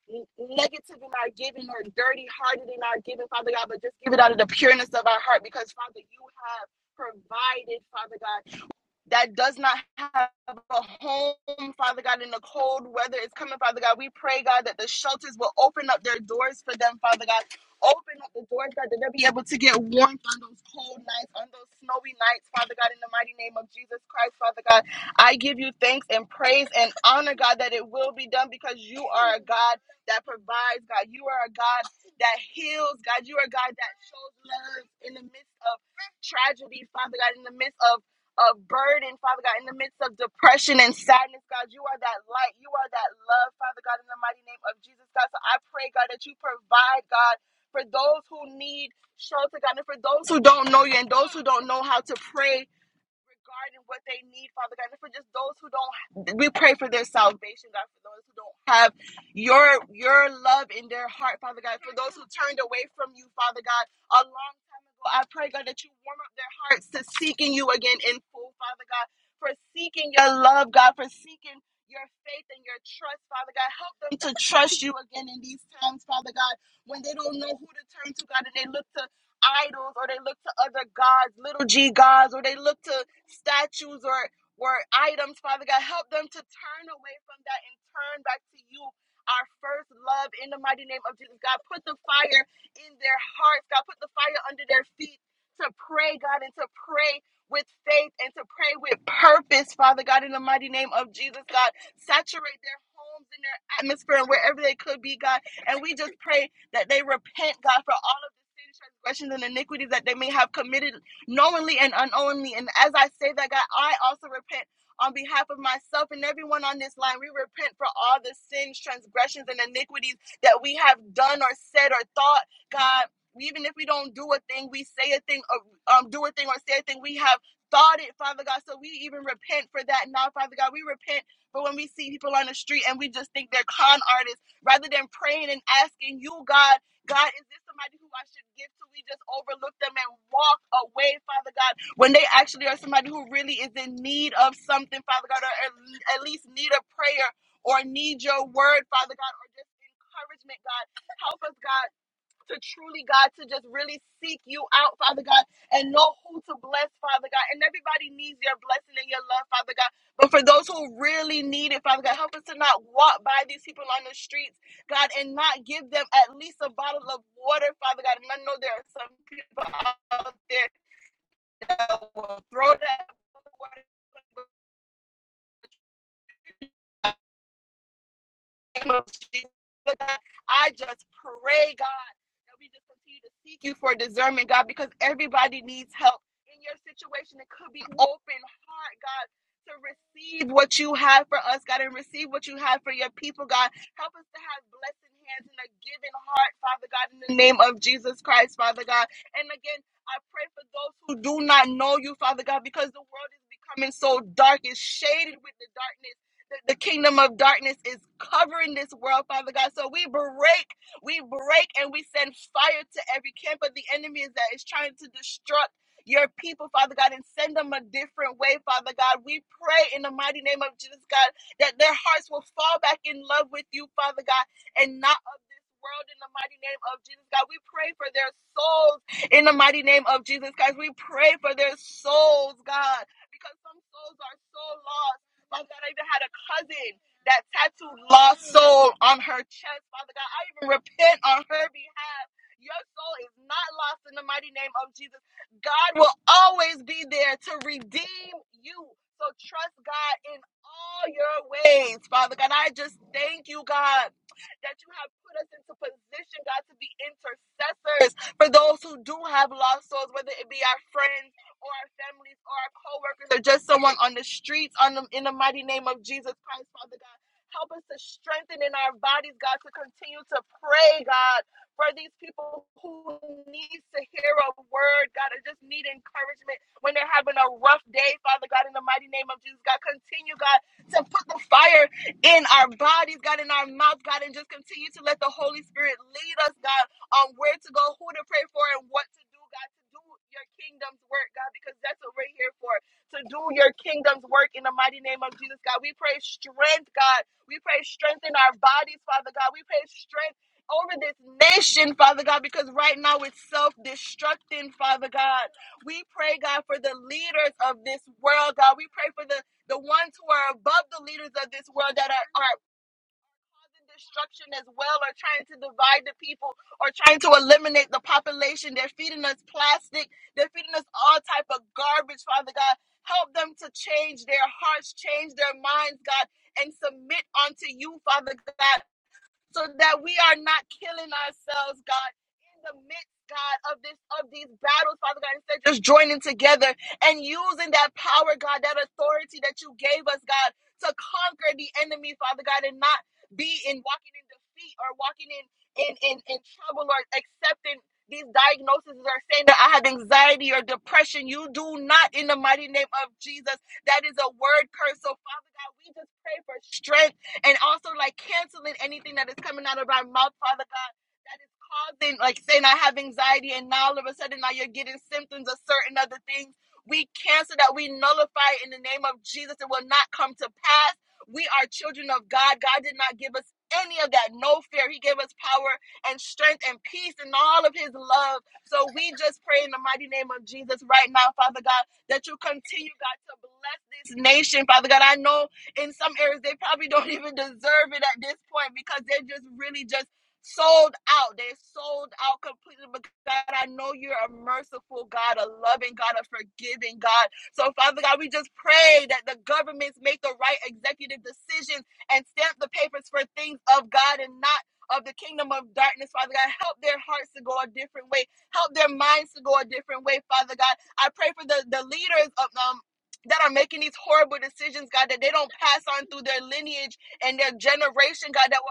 Speaker 5: n- negative in our giving or dirty hearted in our giving, Father God, but just give it out of the pureness of our heart because, Father, you have provided, Father God that does not have a home, Father God, in the cold weather is coming, Father God. We pray, God, that the shelters will open up their doors for them, Father God. Open up the doors, God, that they'll be able to get warmth on those cold nights, on those snowy nights, Father God, in the mighty name of Jesus Christ, Father God. I give you thanks and praise and honor, God, that it will be done because you are a God that provides, God. You are a God that heals, God. You are a God that shows love in the midst of tragedy, Father God, in the midst of of burden, Father God, in the midst of depression and sadness, God. You are that light. You are that love, Father God, in the mighty name of Jesus, God. So I pray, God, that you provide, God, for those who need shelter, God, and for those who don't know you and those who don't know how to pray regarding what they need, Father God. And for just those who don't, we pray for their salvation, God. For those who don't have your your love in their heart, Father God. For those who turned away from you, Father God, a long time ago, I pray, God, that you warm up their hearts to seeking you again in full, Father God. For seeking your love, God. For seeking your faith and your trust, Father God. Help them to trust you again in these times, Father God, when they don't know who to turn to, God, and they look to idols or they look to other gods, little g gods, or they look to statues or or items, Father God. Help them to turn away from that and turn back to you, our first love, in the mighty name of Jesus. God, put the fire in their hearts. God, put the fire under their feet to pray, God, and to pray with faith and to pray with purpose, Father God, in the mighty name of Jesus, God. Saturate their homes and their atmosphere and wherever they could be, God. And we just pray that they repent, God, for all of the sins, transgressions, and iniquities that they may have committed knowingly and unknowingly. And as I say that, God, I also repent on behalf of myself and everyone on this line. We repent for all the sins, transgressions, and iniquities that we have done or said or thought, God. Even if we don't do a thing, we say a thing, or, um, do a thing, or say a thing, we have thought it, Father God. So we even repent for that now, Father God. We repent for when we see people on the street and we just think they're con artists rather than praying and asking you, God. God, is this somebody who I should give to? We just overlook them and walk away, Father God, when they actually are somebody who really is in need of something, Father God, or at at least need a prayer or need your word, Father God, or just encouragement, God. Help us, God to truly, God, to just really seek you out, Father God, and know who to bless, Father God. And everybody needs your blessing and your love, Father God. But for those who really need it, Father God, help us to not walk by these people on the streets, God, and not give them at least a bottle of water, Father God. And I know there are some people out there that will throw that water name of Jesus. I just pray, God, that we just continue to seek you for discernment, God, because everybody needs help in your situation. It could be open heart, God, to receive what you have for us, God, and receive what you have for your people, God. Help us to have blessed hands and a giving heart, Father God, in the name of Jesus Christ, Father God. And again, I pray for those who do not know you, Father God, because the world is becoming so dark, it's shaded with the darkness the kingdom of darkness is covering this world, Father God. So we break, we break, and we send fire to every camp of the enemy is that is trying to destruct your people, Father God, and send them a different way, Father God. We pray in the mighty name of Jesus, God, that their hearts will fall back in love with you, Father God, and not world in the mighty name of Jesus, God. We pray for their souls in the mighty name of Jesus, guys. We pray for their souls, God, because some souls are so lost. Father God, I even had a cousin that tattooed lost soul on her chest, Father God. I even repent on her behalf. Your soul is not lost in the mighty name of Jesus. God will always be there to redeem you. So trust God in all your ways, Father God. I just thank you, God that you have put us into position, God, to be intercessors for those who do have lost souls, whether it be our friends or our families or our co-workers or just someone on the streets on the, in the mighty name of Jesus Christ, Father God. Help us to strengthen in our bodies, God, to continue to pray, God, for these people who need to hear a word, God, or just need encouragement when they're having a rough day, Father God, in the mighty name of Jesus, God. Continue, God, to put the fire in our bodies, God, in our mouth, God, and just continue to let the Holy Spirit lead us, God, on where to go, who to pray for, and what to do, God, to do your kingdom's work, God, because that's what we're here for, to do your kingdom's work in the mighty name of Jesus, God. We pray strength, God. We pray strength in our bodies, Father God. We pray strength over this nation, Father God, because right now it's self destructing, Father God. We pray, God, for the leaders of this world, God. We pray for the the ones who are above the leaders of this world that are, are causing destruction as well are trying to divide the people or trying to eliminate the population they're feeding us plastic they're feeding us all type of garbage father god help them to change their hearts change their minds god and submit unto you father god so that we are not killing ourselves, God, in the midst, God, of this of these battles, Father God, instead just joining together and using that power, God, that authority that you gave us, God, to conquer the enemy, Father God, and not be in walking in defeat or walking in in in, in trouble or accepting these diagnoses or saying that I have anxiety or depression. You do not in the mighty name of Jesus. That is a word curse. So Father God, we just pray for strength and also like canceling anything that is coming out of our mouth, Father God, that is causing, like saying I have anxiety, and now all of a sudden now you're getting symptoms of certain other things. We cancel that, we nullify it in the name of Jesus. It will not come to pass. We are children of God. God did not give us any of that, no fear. He gave us power and strength and peace and all of his love. So we just pray in the mighty name of Jesus right now, Father God, that you continue, God, to bless this nation, Father God. I know in some areas they probably don't even deserve it at this point because they're just really just sold out. They're sold out completely. But God, I know you're a merciful God, a loving God, a forgiving God. So, Father God, we just pray that the governments make the right executive decisions and stamp the papers for things of God and not. Of the kingdom of darkness, Father God. Help their hearts to go a different way. Help their minds to go a different way, Father God. I pray for the, the leaders of um, that are making these horrible decisions, God, that they don't pass on through their lineage and their generation, God, that will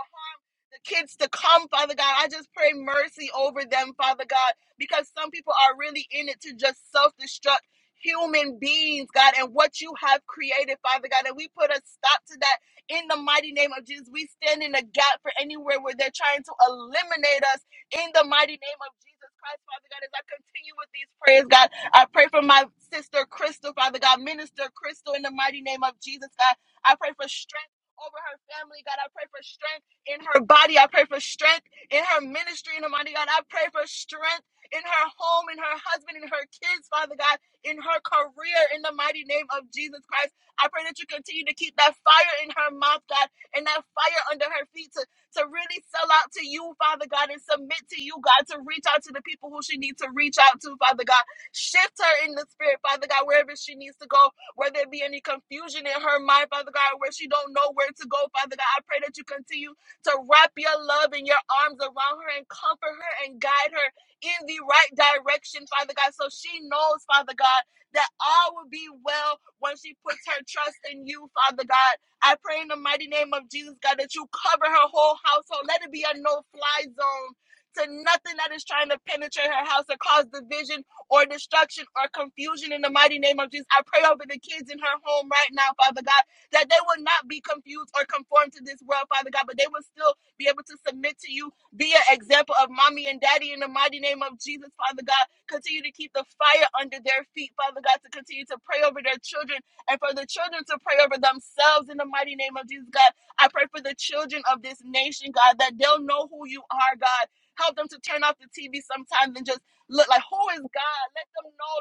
Speaker 5: the kids to come, Father God. I just pray mercy over them, Father God, because some people are really in it to just self destruct human beings, God, and what you have created, Father God. And we put a stop to that in the mighty name of Jesus. We stand in the gap for anywhere where they're trying to eliminate us in the mighty name of Jesus Christ, Father God. As I continue with these prayers, God, I pray for my sister Crystal, Father God, Minister Crystal, in the mighty name of Jesus, God. I pray for strength over her family, God. I pray for strength in her body. I pray for strength in her ministry, in her mighty God. I pray for strength in her home, in her husband, in her kids, Father God, in her career, in the mighty name of Jesus Christ. I pray that you continue to keep that fire in her mouth, God, and that fire under her feet to, to really sell out to you, Father God, and submit to you, God, to reach out to the people who she needs to reach out to, Father God. Shift her in the spirit, Father God, wherever she needs to go, where there be any confusion in her mind, Father God, where she don't know where to go, Father God. I pray that you continue to wrap your love and your arms around her and comfort her and guide her in the right direction, Father God. So she knows, Father God, that all will be well when she puts her trust in you, Father God. I pray in the mighty name of Jesus, God, that you cover her whole household. Let it be a no fly zone. To nothing that is trying to penetrate her house or cause division or destruction or confusion in the mighty name of Jesus. I pray over the kids in her home right now, Father God that they will not be confused or conformed to this world, Father God, but they will still be able to submit to you, be an example of mommy and daddy in the mighty name of Jesus, Father God. Continue to keep the fire under their feet, Father God, to continue to pray over their children and for the children to pray over themselves in the mighty name of Jesus, God. I pray for the children of this nation, God, that they'll know who you are, God. Help them to turn off the TV sometimes and just look like, who is God? Let them know.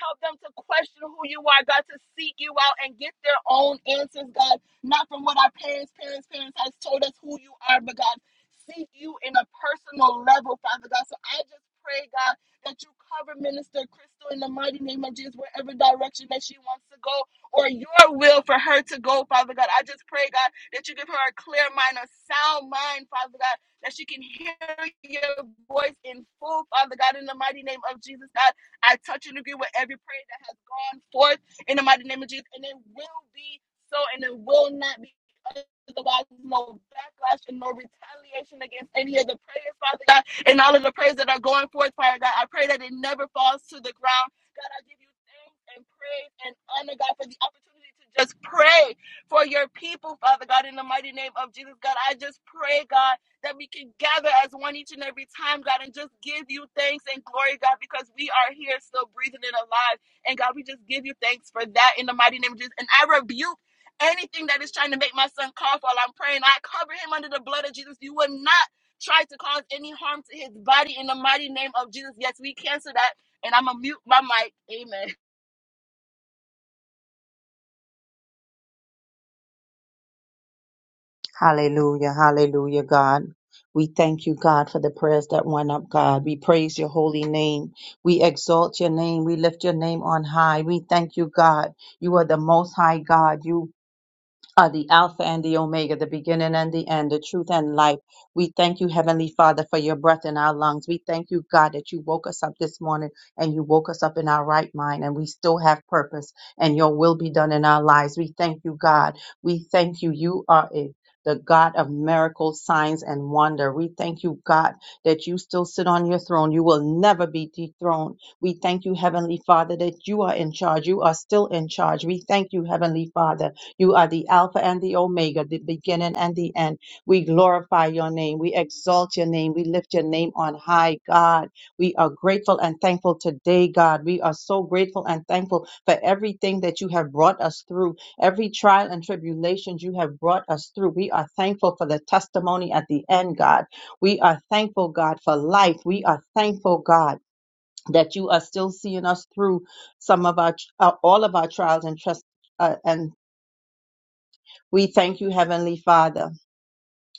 Speaker 5: Help them to question who you are, God, to seek you out and get their own answers, God, not from what our parents, parents, parents has told us who you are, but God, seek you in a personal level, Father God. So I just pray, God, that you cover Minister Crystal in the mighty name of Jesus, wherever direction that she wants to go or your will for her to go, Father God. I just pray, God, that you give her a clear mind, a sound mind, Father God, that she can hear your voice in full, Father God, in the mighty name of Jesus, God. I touch and agree with every prayer that has gone forth in the mighty name of Jesus, and it will be so, and it will not be otherwise. No backlash and no retaliation against any of the prayers, Father God, and all of the prayers that are going forth, Father God. I pray that it never falls to the ground. God, I give you thanks and praise and honor, God, for the opportunity to just pray for your people, Father God, in the mighty name of Jesus, God. I just pray, God that we can gather as one each and every time, God, and just give you thanks and glory, God, because we are here still breathing and alive. And God, we just give you thanks for that in the mighty name of Jesus. And I rebuke anything that is trying to make my son cough while I'm praying. I cover him under the blood of Jesus. You will not try to cause any harm to his body in the mighty name of Jesus. Yes, we cancel that. And I'm going to mute my mic. Amen.
Speaker 6: Hallelujah, hallelujah, God. We thank you, God, for the prayers that went up, God. We praise your holy name. We exalt your name. We lift your name on high. We thank you, God. You are the most high God. You are the Alpha and the Omega, the beginning and the end, the truth and life. We thank you, Heavenly Father, for your breath in our lungs. We thank you, God, that you woke us up this morning and you woke us up in our right mind and we still have purpose and your will be done in our lives. We thank you, God. We thank you. You are a the God of miracles, signs, and wonder. We thank you, God, that you still sit on your throne. You will never be dethroned. We thank you, Heavenly Father, that you are in charge. You are still in charge. We thank you, Heavenly Father you are the Alpha and the Omega, the beginning and the end. We glorify your name. We exalt your name. We lift your name on high, God. We are grateful and thankful today, God. We are so grateful and thankful for everything that you have brought us through, every trial and tribulation you have brought us through. We are thankful for the testimony at the end, God. We are thankful, God, for life. We are thankful, God. That you are still seeing us through some of our, uh, all of our trials and trust, uh, and we thank you, Heavenly Father.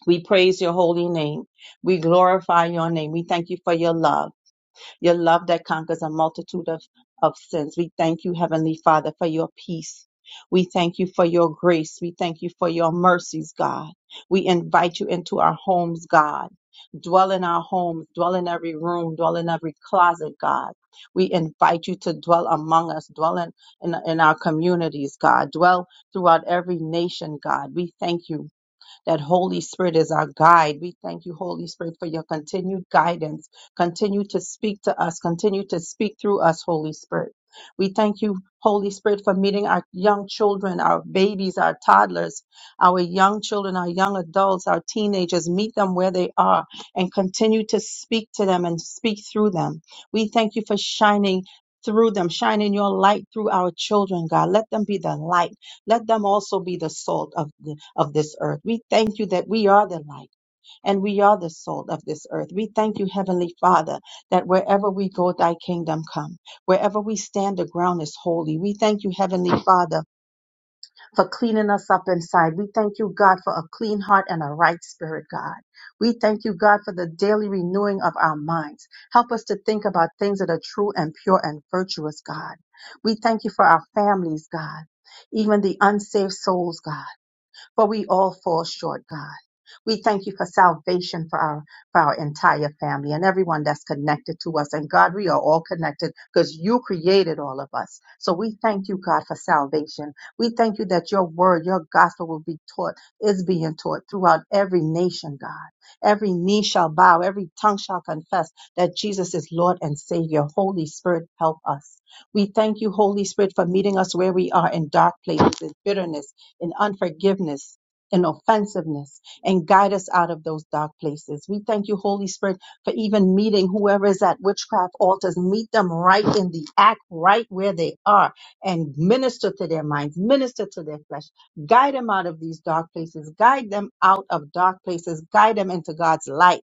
Speaker 6: We praise your holy name. We glorify your name. We thank you for your love, your love that conquers a multitude of, of sins. We thank you, Heavenly Father, for your peace. We thank you for your grace. We thank you for your mercies, God. We invite you into our homes, God. Dwell in our homes, dwell in every room, dwell in every closet, God. We invite you to dwell among us, dwell in, in, in our communities, God. Dwell throughout every nation, God. We thank you that Holy Spirit is our guide. We thank you, Holy Spirit, for your continued guidance. Continue to speak to us. Continue to speak through us, Holy Spirit. We thank you, Holy Spirit, for meeting our young children, our babies, our toddlers, our young children, our young adults, our teenagers. Meet them where they are and continue to speak to them and speak through them. We thank you for shining through them, shining your light through our children, God. Let them be the light. Let them also be the salt of of this earth. We thank you that we are the light and we are the salt of this earth. We thank you, Heavenly Father, that wherever we go, thy kingdom come. Wherever we stand, the ground is holy. We thank you, Heavenly Father, for cleaning us up inside. We thank you, God, for a clean heart and a right spirit, God. We thank you, God, for the daily renewing of our minds. Help us to think about things that are true and pure and virtuous, God. We thank you for our families, God, even the unsaved souls, God. For we all fall short, God. We thank you for salvation for our for our entire family and everyone that's connected to us. And God, we are all connected because you created all of us. So we thank you, God, for salvation. We thank you that your word, your gospel will be taught, is being taught throughout every nation, God. Every knee shall bow, every tongue shall confess that Jesus is Lord and Savior. Holy Spirit, help us. We thank you, Holy Spirit, for meeting us where we are in dark places, in bitterness, and unforgiveness and offensiveness and guide us out of those dark places. We thank you, Holy Spirit, for even meeting whoever is at witchcraft altars. Meet them right in the act, right where they are, and minister to their minds, minister to their flesh. Guide them out of these dark places. Guide them out of dark places. Guide them into God's light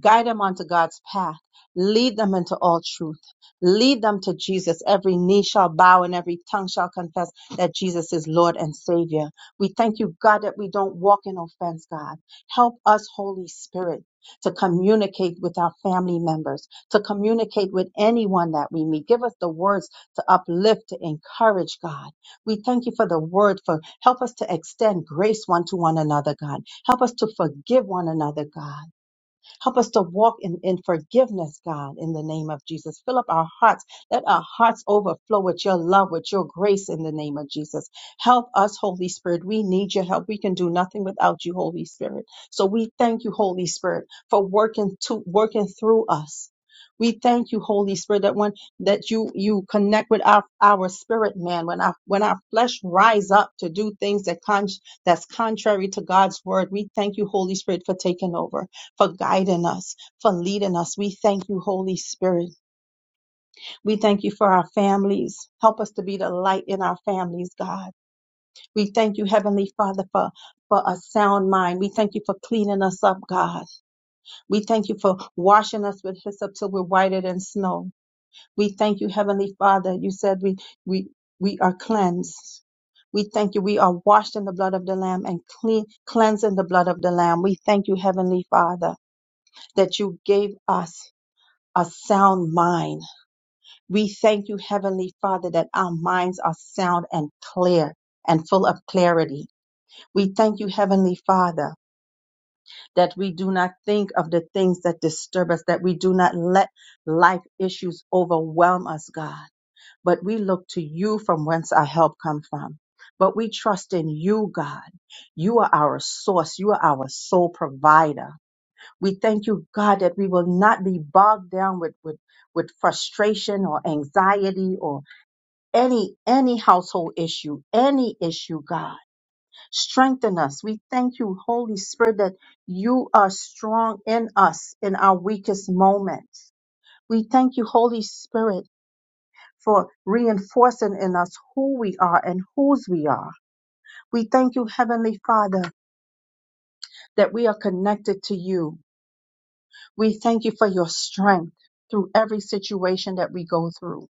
Speaker 6: guide them onto God's path, lead them into all truth, lead them to Jesus. Every knee shall bow and every tongue shall confess that Jesus is Lord and Savior. We thank you, God, that we don't walk in offense, God. Help us, Holy Spirit. To communicate with our family members, to communicate with anyone that we meet. Give us the words to uplift, to encourage, God. We thank you for the word, for help us to extend grace one to one another, God. Help us to forgive one another, God Help us to walk in, in forgiveness, God, in the name of Jesus. Fill up our hearts. Let our hearts overflow with your love, with your grace in the name of Jesus. Help us, Holy Spirit. We need your help. We can do nothing without you, Holy Spirit. So we thank you, Holy Spirit, for working to working through us. We thank you, Holy Spirit, that when that you you connect with our, our spirit man, when our when our flesh rise up to do things that con- that's contrary to God's word, we thank you, Holy Spirit, for taking over for guiding us, for leading us. We thank you, Holy Spirit. We thank you for our families. Help us to be the light in our families, God. We thank you, Heavenly Father, for for a sound mind. We thank you for cleaning us up, God. We thank you for washing us with hyssop till we're whiter than snow. We thank you, Heavenly Father. You said we we we are cleansed. We thank you. We are washed in the blood of the Lamb and clean, cleansed in the blood of the Lamb. We thank you, Heavenly Father, that you gave us. a sound mind. We thank you, Heavenly Father, that our minds are sound and clear and full of clarity. We thank you, Heavenly Father, that we do not think of the things that disturb us, that we do not let life issues overwhelm us, God, but we look to you from whence our help come from. But we trust in you, God. You are our source. You are our sole provider. We thank you, God, that we will not be bogged down with, with, with frustration or anxiety or any, any household issue, any issue, God. Strengthen us. We thank you, Holy Spirit, that you are strong in us in our weakest moments. We thank you, Holy Spirit, for reinforcing in us who we are and whose we are. We thank you, Heavenly Father, that we are connected to you We thank you for your strength through every situation that we go through.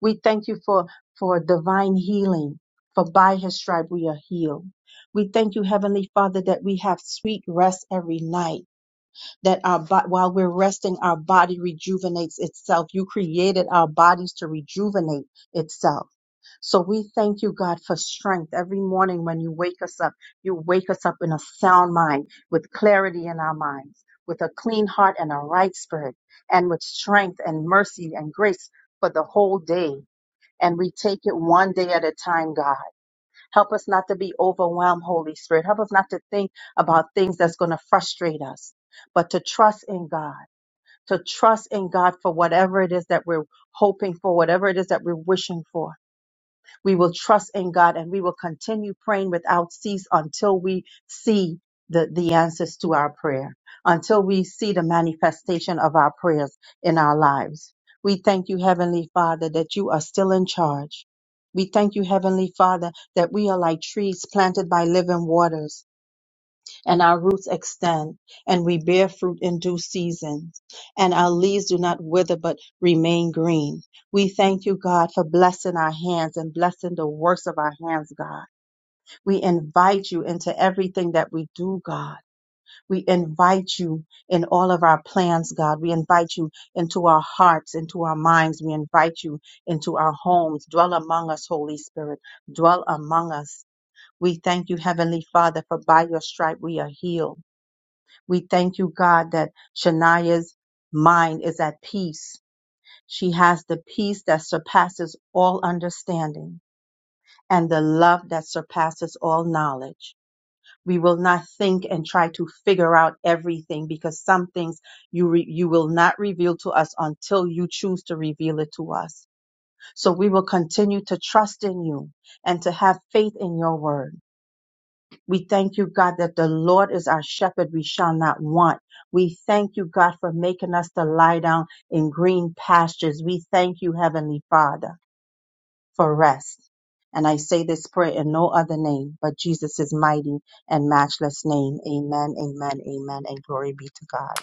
Speaker 6: We thank you for, for divine healing, for by his stripe we are healed. We thank you, Heavenly Father, that we have sweet rest every night that our bo- while we're resting, our body rejuvenates itself. You created our bodies to rejuvenate itself. So we thank you, God, for strength. Every morning when you wake us up, you wake us up in a sound mind, with clarity in our minds, with a clean heart and a right spirit, and with strength and mercy and grace for the whole day. And we take it one day at a time, God. Help us not to be overwhelmed, Holy Spirit. Help us not to think about things that's going to frustrate us, but to trust in God, to trust in God for whatever it is that we're hoping for, whatever it is that we're wishing for we will trust in God and we will continue praying without cease until we see the, the answers to our prayer, until we see the manifestation of our prayers in our lives. We thank you, Heavenly Father, that you are still in charge. We thank you, Heavenly Father, that we are like trees planted by living waters and our roots extend, and we bear fruit in due season, and our leaves do not wither but remain green. We thank you, God, for blessing our hands and blessing the works of our hands, God. We invite you into everything that we do, God. We invite you in all of our plans, God. We invite you into our hearts, into our minds. We invite you into our homes. Dwell among us, Holy Spirit. Dwell among us. We thank you, Heavenly Father, for by your stripe we are healed. We thank you, God, that Shania's mind is at peace. She has the peace that surpasses all understanding and the love that surpasses all knowledge. We will not think and try to figure out everything because some things you re- you will not reveal to us until you choose to reveal it to us. So we will continue to trust in you and to have faith in your word we thank you, God, that the Lord is our shepherd. We shall not want. We thank you, God, for making us to lie down in green pastures. We thank you, Heavenly Father, for rest. And I say this prayer in no other name but Jesus' mighty and matchless name. Amen, amen, amen, and glory be to God.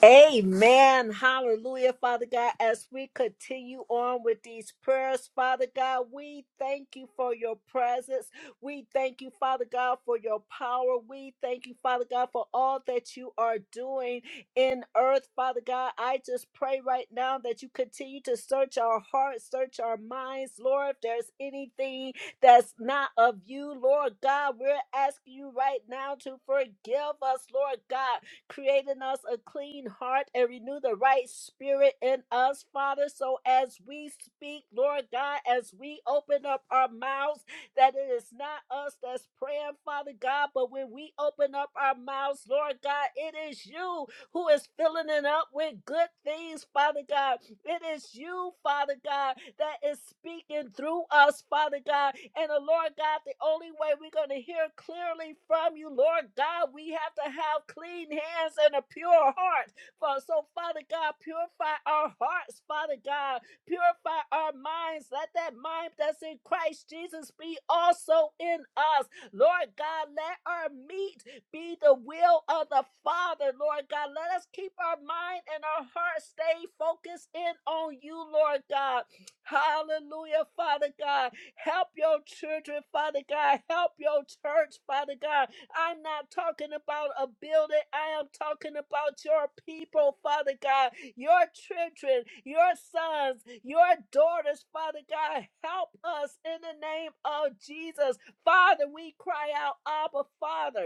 Speaker 2: Amen. Hallelujah, Father God. As we continue on with these prayers, Father God, we thank you for your presence. We thank you, Father God, for your power. We thank you, Father God, for all that you are doing in earth, Father God. I just pray right now that you continue to search our hearts, search our minds, Lord. If there's anything that's not of you, Lord God, we're asking you right now to forgive us, Lord God. Create in us a clean heart and renew the right spirit in us, Father. So as we speak, Lord God, as we open up our mouths, that it is not us that's praying, Father God, but when we open up our mouths, Lord God, it is you who is filling it up with good things, Father God. It is you, Father God, that is speaking through us, Father God. And the Lord God, the only way we're going to hear clearly from you, Lord God, we have to have clean hands and a pure heart. For- So, Father God, purify our hearts, Father God. Purify our minds. Let that mind that's in Christ Jesus be also in us. Lord God, let our meat be the will of the Father, Lord God. Let us keep our mind and our heart stay focused in on you, Lord God. Hallelujah, Father God. Help your children, Father God. Help your church, Father God. I'm not talking about a building, I am talking about your people, Father God. Your children, your sons, your daughters, Father God. Help us in the name of Jesus. Father, we cry out, Abba, Father.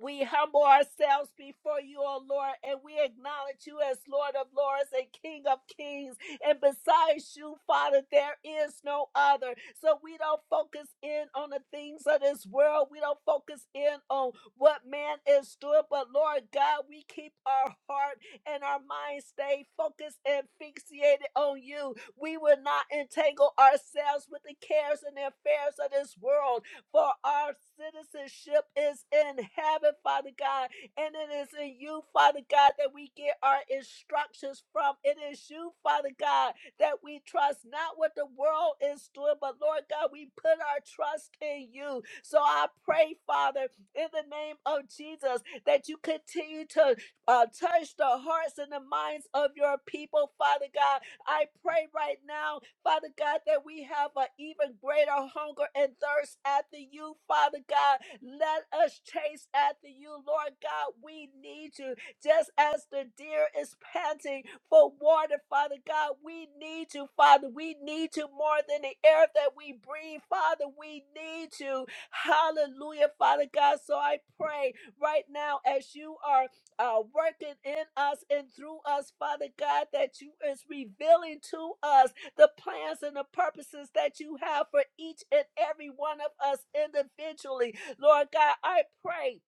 Speaker 2: We humble ourselves before you, O Lord, and we acknowledge you as Lord of lords and King of kings. And besides you, Father, there is no other. So we don't focus in on the things of this world. We don't focus in on what man is doing. But Lord God, we keep our heart and our mind stay focused and fixated on you. We will not entangle ourselves with the cares and the affairs of this world for our citizenship is in heaven, Father God, and it is in you, Father God, that we get our instructions from. It is you, Father God, that we trust not what the world is doing, but Lord God, we put our trust in you. So I pray, Father, in the name of Jesus, that you continue to uh, touch the hearts and the minds of your people, Father God. I pray right now Father God, that we have an even greater hunger and thirst after you, Father God. Let us chase after you, Lord God. We need you just as the deer is panting for water, Father God. We need you, Father. We need you more than the air that we breathe, Father. We need you. Hallelujah, Father God. So I pray right now as you are uh, working in us and through us, Father God, that you is revealing to us the plans and the purposes that you have for each and every one of us individually. Lord God, I pray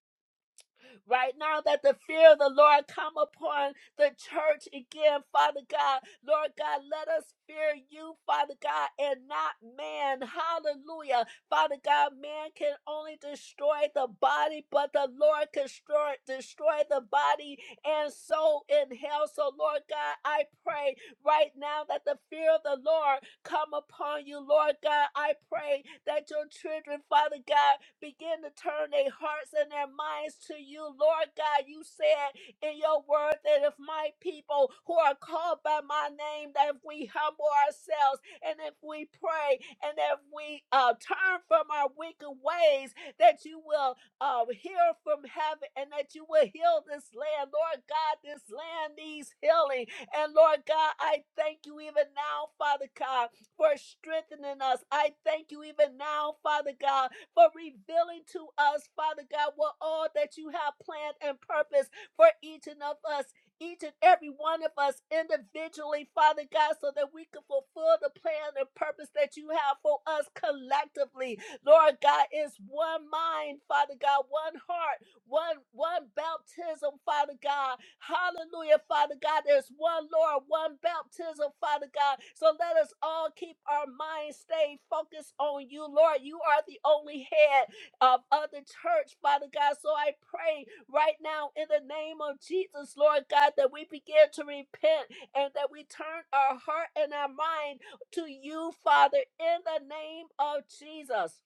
Speaker 2: right now that the fear of the Lord come upon the church again, Father God. Lord God, let us fear you, Father God, and not man. Hallelujah. Father God, man can only destroy the body, but the Lord can destroy, destroy the body and soul in hell. So, Lord God, I pray right now that the fear of the Lord come upon you, Lord God. I pray that your children, Father God, begin to turn their hearts and their minds to you, Lord God. You said in your word that if my people who are called by my name, that if we humble ourselves and if we pray and if we uh, turn from our wicked ways, that you will uh, hear from heaven and that you will heal this land. Lord God, this land needs healing. And Lord God, I thank you even now, Father God for strengthening us. I thank you even now, Father God, for revealing to us, Father God, what all that you have planned and purpose for each and of us. Each and every one of us individually, Father God, so that we can fulfill the plan and purpose that you have for us collectively. Lord God, it's one mind, Father God, one heart, one one baptism, Father God, Hallelujah, Father God. There's one Lord, one baptism, Father God. So let us all keep our minds stayed focused on you, Lord. You are the only head of other church, Father God. So I pray right now in the name of Jesus, Lord God, that we begin to repent and that we turn our heart and our mind to you, Father, in the name of Jesus.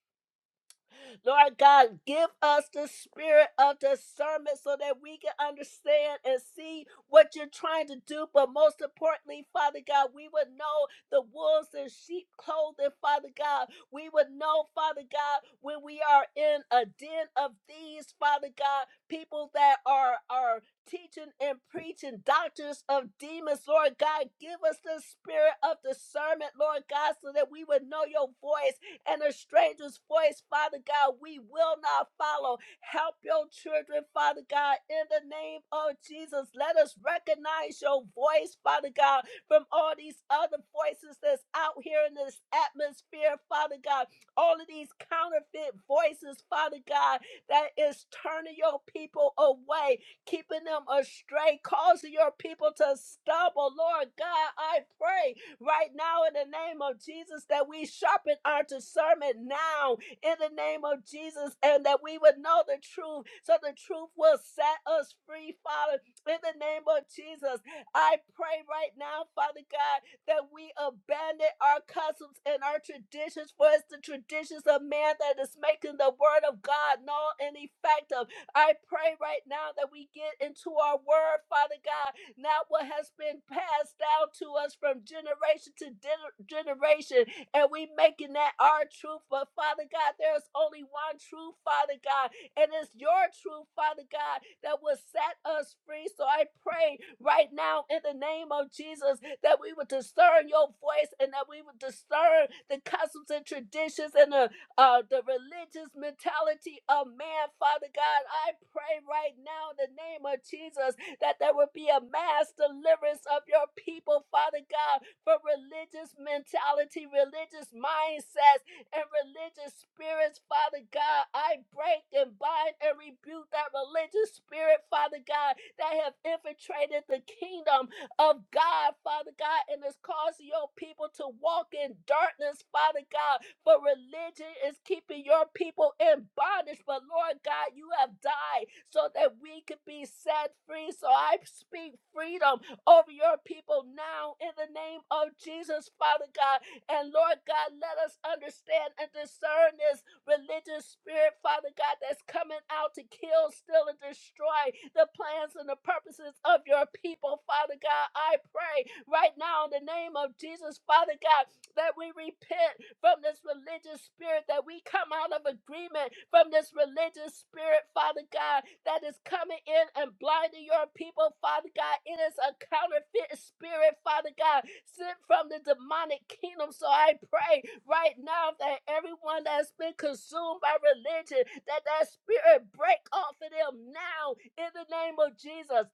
Speaker 2: Lord God, give us the spirit of discernment so that we can understand and see what you're trying to do. But most importantly, Father God, we would know the wolves and sheep clothing, Father God. We would know, Father God, when we are in a den of thieves, Father God, people that are are teaching and preaching doctors of demons, Lord God, give us the spirit of discernment, Lord God, so that we would know your voice and a stranger's voice, Father God, we will not follow. Help your children, Father God, in the name of Jesus. Let us recognize your voice, Father God, from all these other voices that's out here in this atmosphere, Father God. All of these counterfeit voices, Father God, that is turning your people away, keeping them astray, causing your people to stumble. Lord God, I pray right now in the name of Jesus that we sharpen our discernment now in the name of Jesus and that we would know the truth so the truth will set us free, Father, in the name of Jesus. I pray right now, Father God, that we abandon our customs and our traditions, for it's the traditions of man that is making the word of God null and effective. I pray right now that we get into our word, Father God, not what has been passed down to us from generation to gener- generation. And we making that our truth. But Father God, there's only one truth, Father God, and it's your truth, Father God, that will set us free. So I pray right now in the name of Jesus that we would discern your voice and that we would discern the customs and traditions and the uh, the religious mentality of man, Father God. I pray right now in the name of Jesus that there will be a mass deliverance of your people, Father God, from religious mentality, religious mindsets, and religious spirits, Father God. I break and bind and rebuke that religious spirit, Father God, that have infiltrated the kingdom of God, Father God, and has caused your people to walk in darkness, Father God for religion is keeping your people in bondage. But Lord God, you have died so that we could be set free. So I speak freedom over your people now in the name of Jesus, Father God. And Lord God, let us understand and discern this religious spirit, Father God, that's coming out to kill, steal, and destroy the plans and the purposes of your people, Father God. I pray right now in the name of Jesus, Father God, that we repent from this religious spirit, that we come out of agreement from this religious spirit, Father God, that is coming in and blinding your people, Father God. It is a counterfeit spirit, Father God, sent from the demonic kingdom. So I pray right now that everyone that's been consumed by religion, that that spirit break off of them now in the name of Jesus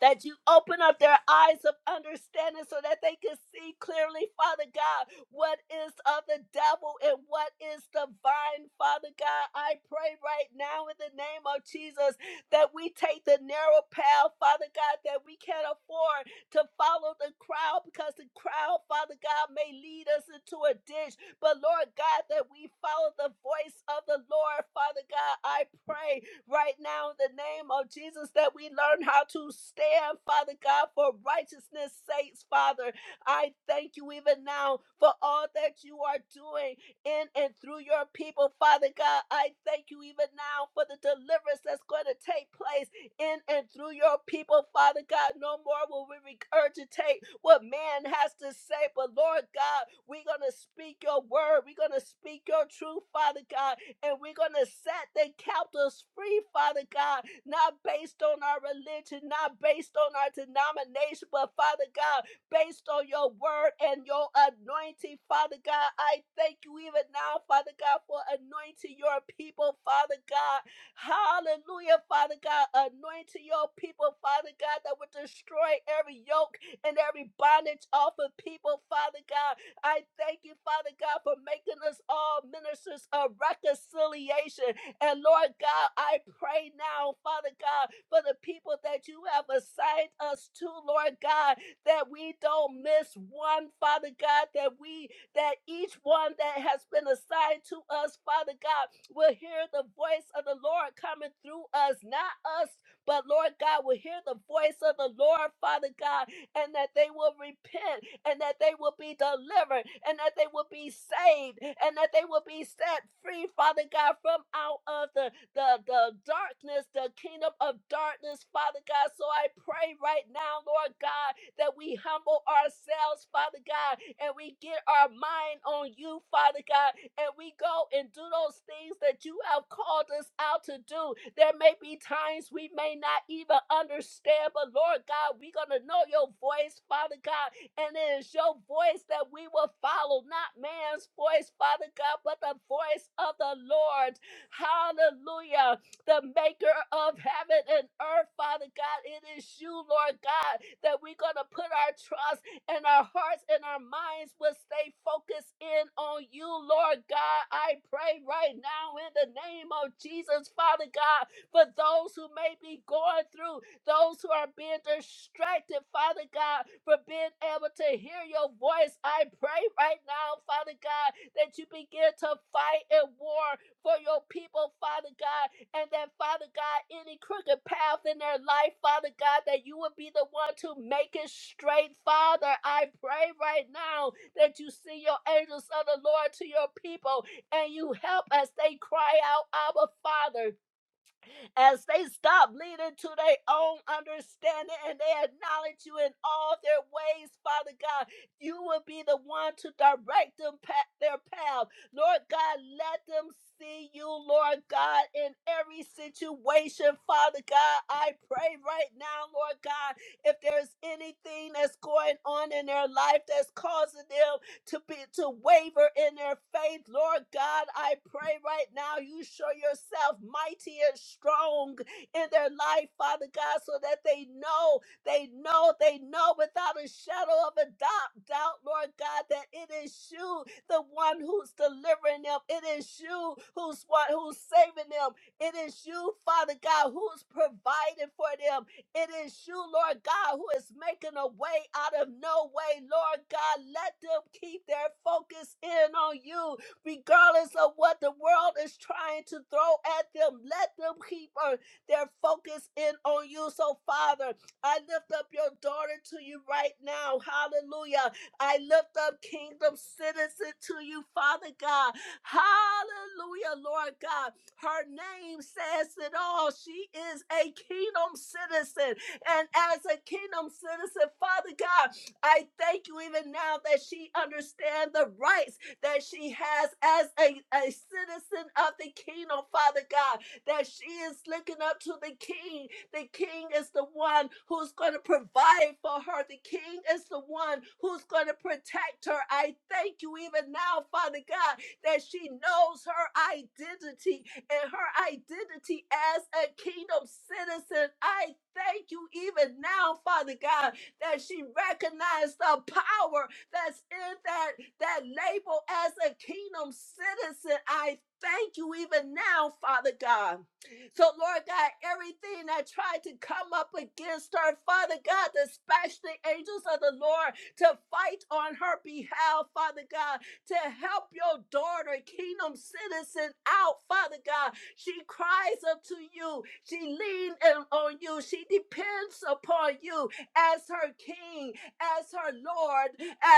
Speaker 2: that you open up their eyes of understanding so that they can see clearly, Father God, what is of the devil and what is divine, Father God. I pray right now in the name of Jesus that we take the narrow path, Father God, that we can't afford to follow the crowd because the crowd, Father God, may lead us into a ditch. But Lord God, that we follow the voice of the Lord, Father God, I pray right now in the name of Jesus that we learn how to stand, Father God, for righteousness' sakes, Father. I thank you even now for all that you are doing in and through your people, Father God. I thank you even now for the deliverance that's going to take place in and through your people, Father God. No more will we regurgitate what man has to say, but Lord God, we're going to speak your word. We're going to speak your truth, Father God and we're going to set the captives free, Father God, not based on our religion, not based on our denomination, but Father God, based on your word and your anointing, Father God. I thank you even now, Father God, for anointing your people, Father God. Hallelujah, Father God. Anointing your people, Father God, that would destroy every yoke and every bondage off of people, Father God. I thank you, Father God, for making us all ministers of reconciliation. And Lord God, I pray now, Father God, for the people that you have assigned us to, Lord God, that we don't miss one, Father God, that we that each one that has been assigned to us, Father God, will hear the voice of the Lord coming through us, not us, but Lord God will hear the voice of the Lord, Father God, and that they will repent and that they will be delivered and that they will be saved and that they will be set free, Father God, from out of the, the, the darkness, the kingdom of darkness, Father God. So I pray right now, Lord God, that we humble ourselves, Father God, and we get our mind on you, Father God, and we go and do those things that you have called us out to do. There may be times we may not even understand, but Lord God, we're going to know your voice, Father God, and it is your voice that we will follow, not man's voice, Father God, but the voice of the Lord. Hallelujah. The maker of heaven and earth, Father God. It is you, Lord God, that we're going to put our trust and our hearts and our minds will stay focused in on you, Lord God. I pray right now in the name of Jesus, Father God, for those who may be going through those who are being distracted, Father God, for being able to hear your voice. I pray right now, Father God, that you begin to fight and war for your people, Father God, and that, Father God, any crooked path in their life, Father God, that you would be the one to make it straight, Father. I pray right now that you send your angels of the Lord to your people and you help as they cry out, Abba, Father as they stop leaning to their own understanding and they acknowledge you in all their ways, Father God. You will be the one to direct them pa- their path. Lord God, let them see you, Lord God, in every situation, Father God. I pray right now, Lord God, if there's anything that's going on in their life that's causing them to be to waver in their faith. Lord God, I pray right now you show yourself mighty and strong in their life, Father God, so that they know, they know, they know without a shadow of a doubt, doubt, Lord God, that it is you, the one who's delivering them. It is you who's one who's saving them. It is you, Father God, who's providing for them. It is you, Lord God, who is making a way out of no way, Lord God. Let them keep their focus in on you, regardless of what the world is trying to throw at them. Let them keep uh, their focus in on you. So, Father, I lift up your daughter to you right now. Hallelujah. I lift up kingdom citizen to you, Father God. Hallelujah, Lord God. Her name says it all. She is a kingdom citizen. And as a kingdom citizen, Father God, I thank you even now that she understands the rights that she has as a, a citizen of the kingdom, Father God, that she is looking up to the king. The king is the one who's going to provide for her, the king is the one who's going to protect her. I thank you even now, Father God, that she knows her identity and her identity as a kingdom citizen. I thank you even now, Father God, that she recognized the power that's in that, that label as a kingdom citizen. I thank you even now, Father God. So, Lord God, everything that tried to come up against her, Father God, dispatch the angels of the Lord to fight on her behalf, Father God to help your daughter, kingdom citizen, out, Father God. She cries unto you. She leans on you. She depends upon you as her king, as her Lord,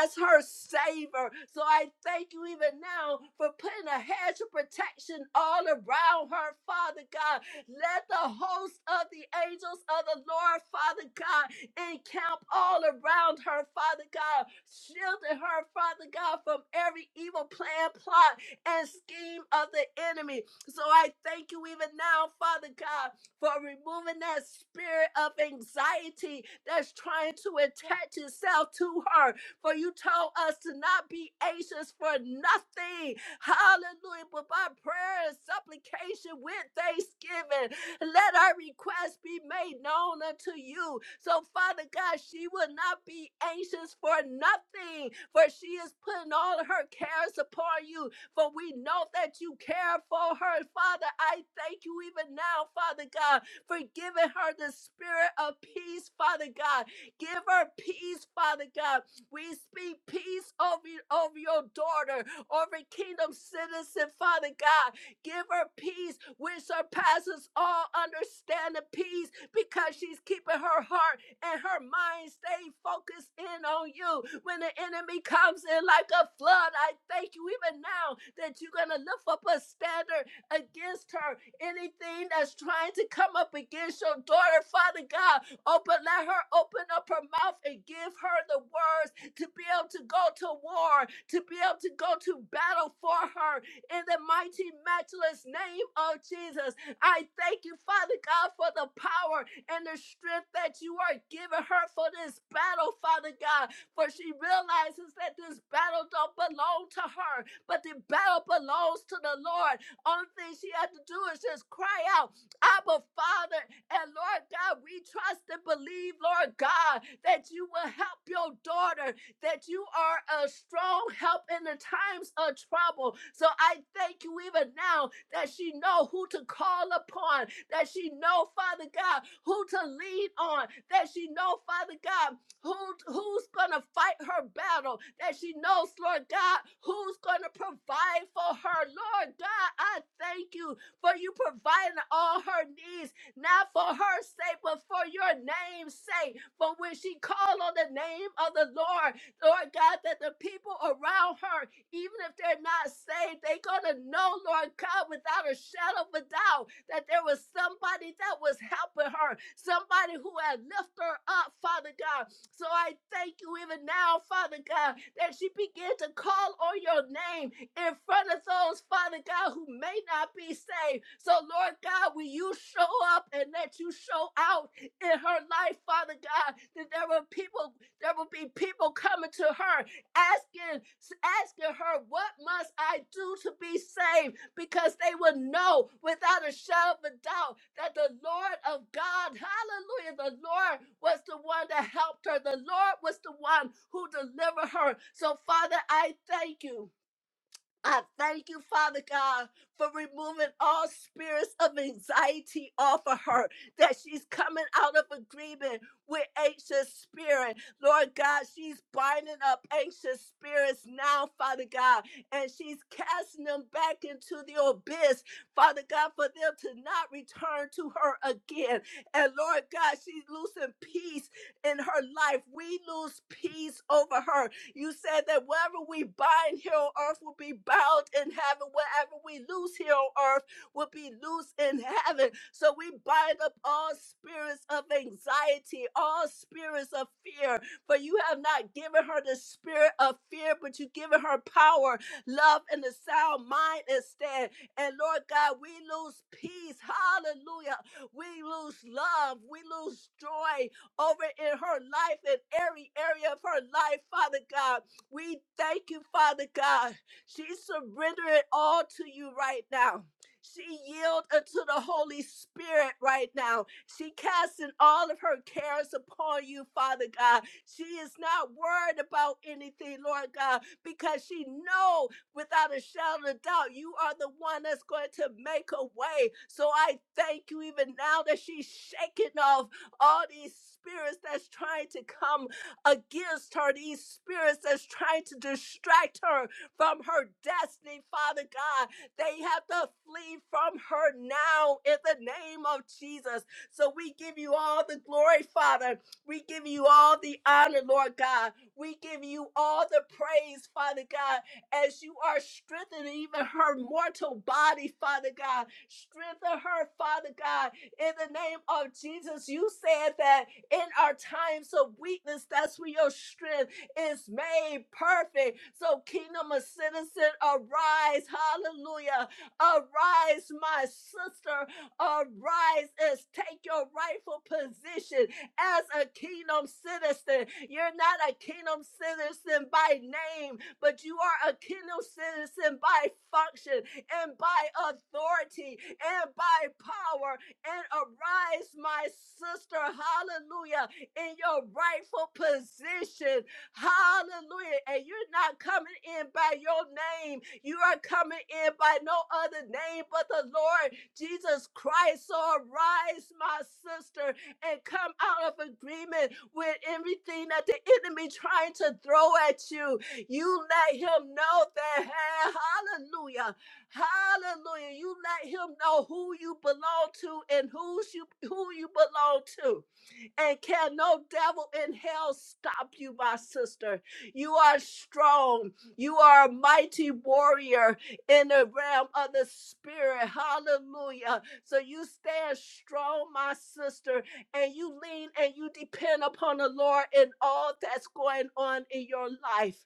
Speaker 2: as her Savior. So I thank you even now for putting a hedge of protection all around her, Father God. Let the host of the angels of the Lord, Father God, Encamp all around her, Father God, shielding her, Father God, from every evil plan, plot, and scheme of the enemy. So I thank you even now, Father God, for removing that spirit of anxiety that's trying to attach itself to her. For you told us to not be anxious for nothing. Hallelujah. But by prayer and supplication with thanksgiving, let our request be made known unto you. So, Father God, she will not be anxious for nothing, for she is putting all of her cares upon you. For we know that you care for her, Father. I thank you even now, Father God, for giving her the spirit of peace, Father God. Give her peace, Father God. We speak peace over, over your daughter, over kingdom citizen, Father God. Give her peace which surpasses all understanding peace because she's keeping her heart and her mind stay focused in on you. When the enemy comes in like a flood, I thank you even now that you're going to lift up a standard against her. Anything that's trying to come up against your daughter, Father God, open, let her open up her mouth and give her the words to be able to go to war, to be able to go to battle for her, in the mighty, matchless name of Jesus. I thank you, Father God, for the power and the strength that you are giving her for this battle, Father God. For she realizes that this battle don't belong to her, but the battle belongs to the Lord. Only thing she had to do is just cry out, Abba, Father, and Lord God, we trust and believe, Lord God, that you will help your daughter that you are a strong help in the times of trouble. So I thank you even now that she know who to call upon, that she know, Father God, who to lean on, that she know, Father God, who who's gonna fight her battle, that she knows, Lord God, who's gonna provide for her. Lord God, I thank you for you providing all her needs not for her sake, but for your name's sake. For when she called on the name of the Lord, Lord God, that the people around her, even if they're not saved, they're going to know, Lord God, without a shadow of a doubt, that there was somebody that was helping her, somebody who had lifted her up, Father God. So I thank you even now, Father God, that she began to call on your name in front of those, Father God, who may not be saved. So, Lord God, will you show up and let you show out in her life, Father God, that there were people there will be people coming to her asking, asking her, What must I do to be saved? Because they will know without a shadow of a doubt that the Lord of God, hallelujah, the Lord was the one that helped her. The Lord was the one who delivered her. So, Father, I thank you. I thank you, Father God, for removing all spirits of anxiety off of her, that she's coming out of agreement with anxious spirit. Lord God, she's binding up anxious spirits now, Father God, and she's casting them back into the abyss, Father God, for them to not return to her again. And Lord God, she's losing peace in her life. We lose peace over her you said that wherever we bind here on earth will be bound in heaven. Wherever we loose here on earth will be loose in heaven. So we bind up all spirits of anxiety, all spirits of fear. For you have not given her the spirit of fear, but you've given her power, love, and a sound mind instead. And Lord God, we lose peace. Hallelujah. We lose love. We lose joy over in her life and every area of her life, Father God. We thank you, Father God. She's surrendering all to you right now. She yield unto the Holy Spirit right now. She casting all of her cares upon you, Father God. She is not worried about anything, Lord God, because she know without a shadow of doubt, you are the one that's going to make a way. So I thank you even now that she's shaking off all these spirits that's trying to come against her, these spirits that's trying to distract her from her destiny, Father God. They have to flee from her now in the name of Jesus. So we give you all the glory, Father. We give you all the honor, Lord God. We give you all the praise, Father God, as you are strengthening even her mortal body, Father God. Strengthen her, Father God, in the name of Jesus. You said that in our times of weakness, that's where your strength is made perfect. So, kingdom of citizen, arise. Hallelujah. Arise, my sister. Arise and take your rightful position as a kingdom citizen. You're not a kingdom citizen by name, but you are a kingdom citizen by function and by authority and by power and arise, my sister. Hallelujah. In your rightful position. Hallelujah. And you're not coming in by your name. You are coming in by no other name but the Lord Jesus Christ. So arise, my sister, and come out of agreement with everything that the enemy trying to throw at you. You let him know that, hey, hallelujah. Hallelujah. You let him know who you belong to and who's you who you belong to and can no devil in hell stop you, my sister. You are strong. You are a mighty warrior in the realm of the spirit. Hallelujah. So you stand strong, my sister, and you lean and you depend upon the Lord in all that's going on in your life.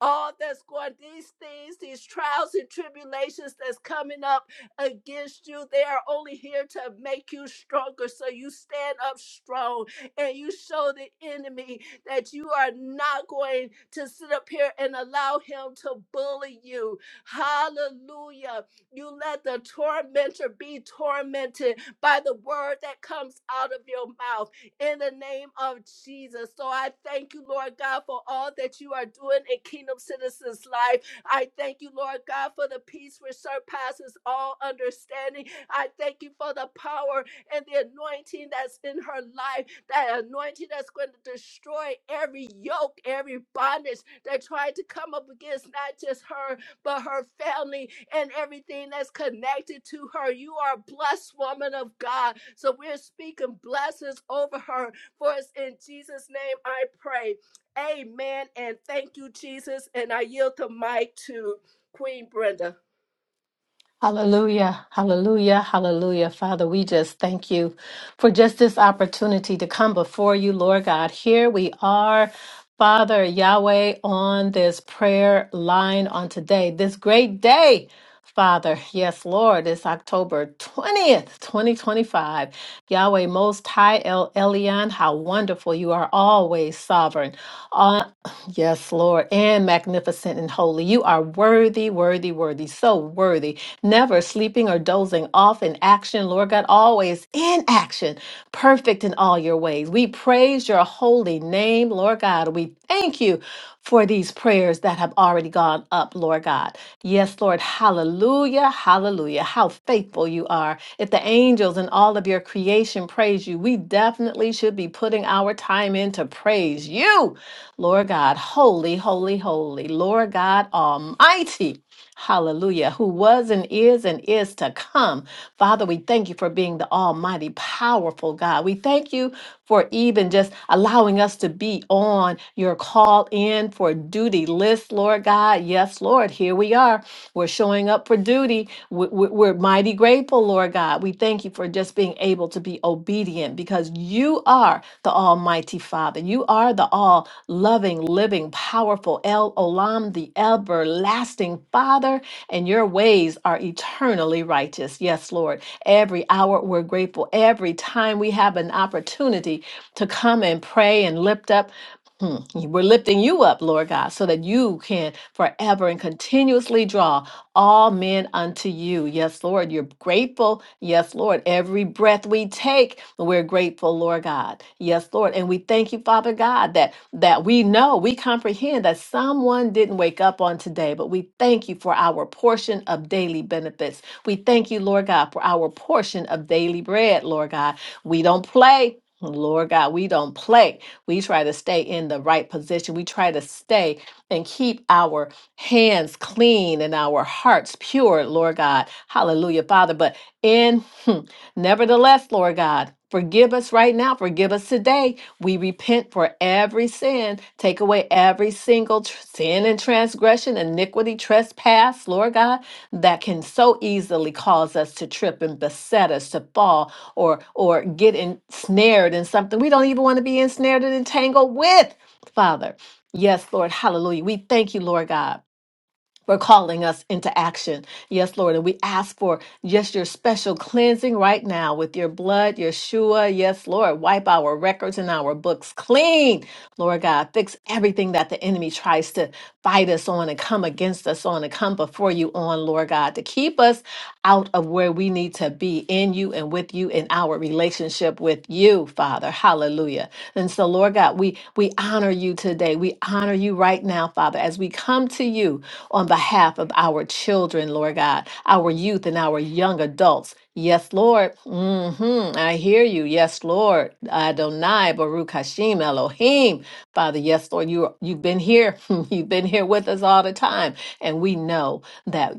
Speaker 2: All that's going, these things, these trials and tribulations that's coming up against you, they are only here to make you stronger. So you stand up strong and you show the enemy that you are not going to sit up here and allow him to bully you. Hallelujah. You let the tormentor be tormented by the word that comes out of your mouth in the name of Jesus. So I thank you, Lord God, for all that you are doing in Kingdom Citizens' life. I thank you, Lord God, for the peace which surpasses all understanding. I thank you for the power and the anointing that's in her life, that anointing that's going to destroy every yoke, every bondage that tried to come up against not just her, but her family and everything that's connected to her. You are a blessed woman of God. So we're speaking blessings over her. For it's in Jesus' name I pray. Amen. And thank you, Jesus. And I yield the mic to Queen Brenda.
Speaker 7: Hallelujah, hallelujah, hallelujah. Father, we just thank you for just this opportunity to come before you, Lord God. Here we are, Father Yahweh, on this prayer line on today, this great day. Father, yes, Lord, it's October 20th, 2025. Yahweh Most High El Elyon, how wonderful you are always sovereign Yes, Lord, and magnificent and holy. You are worthy, worthy, worthy, so worthy. Never sleeping or dozing off in action, Lord God, always in action, perfect in all your ways. We praise your holy name, Lord God. We thank you for these prayers that have already gone up, Lord God. Yes, Lord, hallelujah, hallelujah. How faithful you are. If the angels and all of your creation praise you, we definitely should be putting our time in to praise you. Lord God, holy, holy, holy, Lord God Almighty. Hallelujah, who was and is and is to come. Father, we thank you for being the Almighty, powerful God. We thank you for even just allowing us to be on your call in for duty list, Lord God. Yes, Lord, here we are. We're showing up for duty. We- we- We're, mighty grateful, Lord God. We thank you for just being able to be obedient because you are the Almighty Father. You are the all loving, living, powerful El Olam, the everlasting Father, and your ways are eternally righteous. Yes, Lord. Every hour we're grateful. Every time we have an opportunity to come and pray and lift up. Hmm. We're lifting you up, Lord God, so that you can forever and continuously draw all men unto you. Yes, Lord, you're grateful. Yes, Lord, every breath we take, we're grateful, Lord God. Yes, Lord, and we thank you, Father God, that that we know, we comprehend that someone didn't wake up on today, but we thank you for our portion of daily benefits. We thank you, Lord God, for our portion of daily bread, Lord God. We don't play, Lord God. We don't play. We try to stay in the right position. We try to stay and keep our hands clean and our hearts pure, Lord God. Hallelujah, Father. But in hmm, nevertheless, Lord God, forgive us right now. Forgive us today. We repent for every sin. Take away every single tr- sin and transgression, iniquity, trespass, Lord God, that can so easily cause us to trip and beset us to fall or or get ensnared in something we don't even want to be ensnared and entangled with, Father. Yes, Lord. Hallelujah. We thank you, Lord God for calling us into action. Yes, Lord. And we ask for just your special cleansing right now with your blood, Yeshua. Yes, Lord. Wipe our records and our books clean. Lord God, fix everything that the enemy tries to fight us on and come against us on and come before you on, Lord God, to keep us out of where we need to be in you and with you in our relationship with you, Father. Hallelujah. And so, Lord God, we we honor you today. We honor you right now, Father, as we come to you on behalf of our children, Lord God, our youth and our young adults. Yes, Lord. hmm I hear you. Yes, Lord. Adonai, Baruch Hashem, Elohim. Father, yes, Lord, you you've been here. you've been here with us all the time. And we know that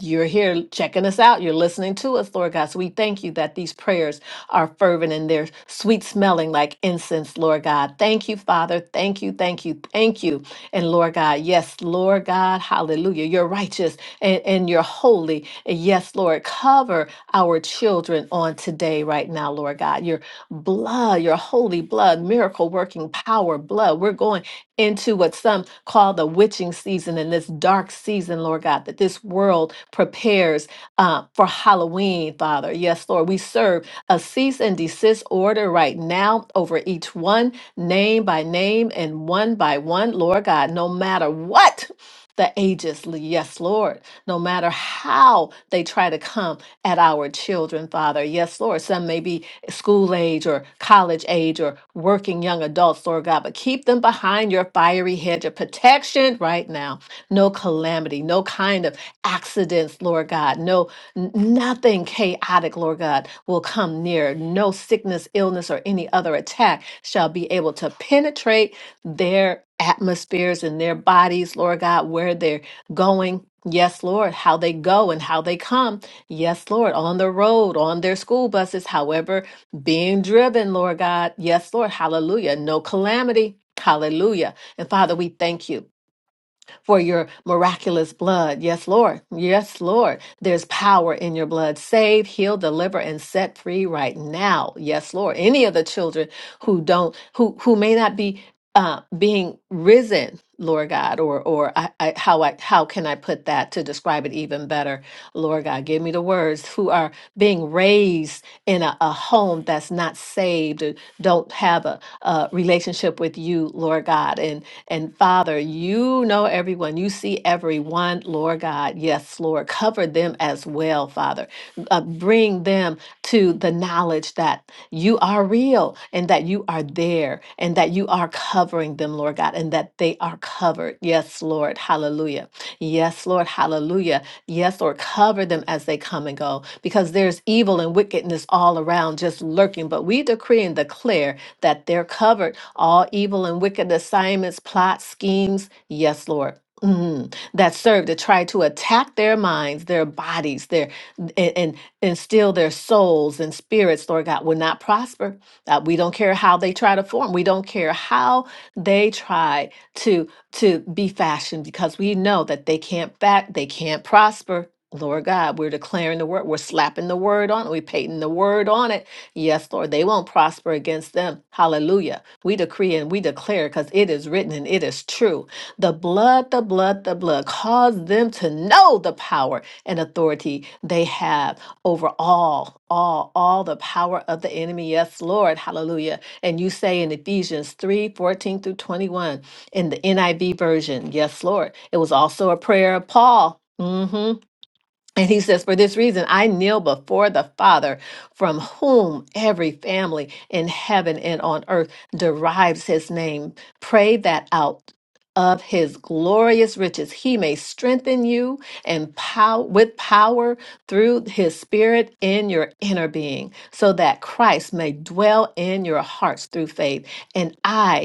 Speaker 7: you're here checking us out. You're listening to us, Lord God. So we thank you that these prayers are fervent and they're sweet smelling like incense, Lord God. Thank you, Father. Thank you, thank you, thank you and Lord God, yes, Lord God, hallelujah. You're righteous and, and you're holy. And yes, Lord, cover our children on today, right now, Lord God. Your blood, your holy blood, miracle working power, blood. We're going into what some call the witching season and this dark season, Lord God, that this world prepares uh, for Halloween, Father. Yes, Lord, we serve a cease and desist order right now over each one name by name and one by one, Lord God, no matter what the ages, yes, Lord, no matter how they try to come at our children, Father, yes, Lord, some may be school age or college age or working young adults, Lord God, but keep them behind your fiery hedge of protection right now. No calamity, no kind of accidents, Lord God, no N- Nothing chaotic, Lord God, will come near. No sickness, illness, or any other attack shall be able to penetrate their atmospheres and their bodies, Lord God, where they're going. Yes, Lord, how they go and how they come. Yes, Lord, on the road, on their school buses, however, being driven, Lord God. Yes, Lord, hallelujah. No calamity, hallelujah. And Father, we thank you for your miraculous blood. Yes, Lord. Yes, Lord. There's power in your blood. Save, heal, deliver, and set free right now. Yes, Lord. Any of the children who don't, who, who may not be uh, being risen, Lord God, or or I, I, how I how can I put that to describe it even better, Lord God? Give me the words who are being raised in a, a home that's not saved, or don't have a, a relationship with you, Lord God, and and Father, you know everyone, you see everyone, Lord God. Yes, Lord, cover them as well, Father. Uh, bring them to the knowledge that you are real and that you are there and that you are covering them, Lord God, and that they are covered. Yes, Lord. Hallelujah. Yes, Lord. Hallelujah. Yes, Lord. Cover them as they come and go because there's evil and wickedness all around just lurking. But we decree and declare that they're covered. All evil and wicked assignments, plots, schemes. Yes, Lord. Mhm. That serve to try to attack their minds, their bodies, their and, and still their souls and spirits, Lord God, will not prosper. Uh, we don't care how they try to form. We don't care how they try to to be fashioned because we know that they can't back, they can't prosper. Lord God, we're declaring the word, we're slapping the word on it, we're painting the word on it. Yes, Lord, they won't prosper against them. Hallelujah. We decree and we declare because it is written and it is true. The blood, the blood, the blood, cause them to know the power and authority they have over all, all, all the power of the enemy. Yes, Lord. Hallelujah. And you say in Ephesians 3 14 through 21 in the NIV version. Yes, Lord. It was also a prayer of Paul. Mm-hmm. And he says, For this reason, I kneel before the Father, from whom every family in heaven and on earth derives his name. Pray that out of his glorious riches he may strengthen you and pow- with power through his spirit in your inner being so that christ may dwell in your hearts through faith and i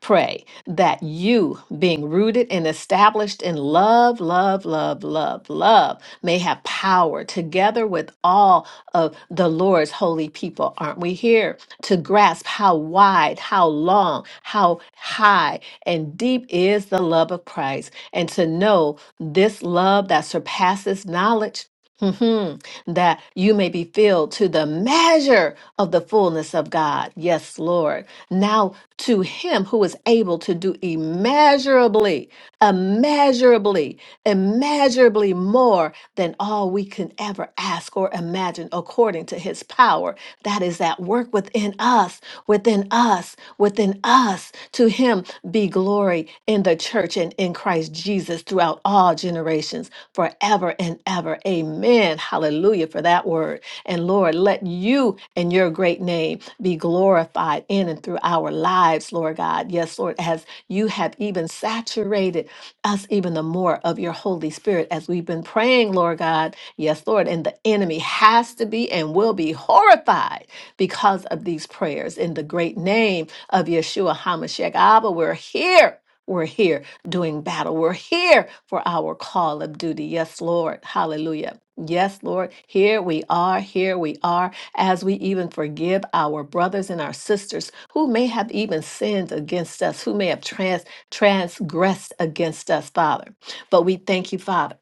Speaker 7: pray that you, being rooted and established in love, love, love, love, love, may have power together with all of the Lord's holy people. Aren't we here to grasp how wide, how long, how high and deep is the love of Christ? And to know this love that surpasses knowledge Mhm. That you may be filled to the measure of the fullness of God. Yes, Lord. Now, to him who is able to do immeasurably, immeasurably, immeasurably more than all we can ever ask or imagine, according to his power that is at work within us us, within us, within us. To him be glory in the church and in Christ Jesus throughout all generations, forever and ever. Amen. Hallelujah for that word. And Lord, let you and your great name be glorified in and through our lives, Lord God. Yes, Lord, as you have even saturated us even the more of your Holy Spirit as we've been praying, Lord God. Yes, Lord. And the enemy has to be and will be horrified because of these prayers. In the great name of Yeshua HaMashiach Abba, we're here. We're here doing battle. We're here for our call of duty. Yes, Lord. Hallelujah. Yes, Lord. Here we are. Here we are. As we even forgive our brothers and our sisters who may have even sinned against us, who may have trans- transgressed against us, Father. But we thank you, Father.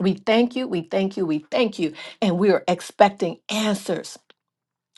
Speaker 7: We thank you. We thank you. We thank you. And we are expecting answers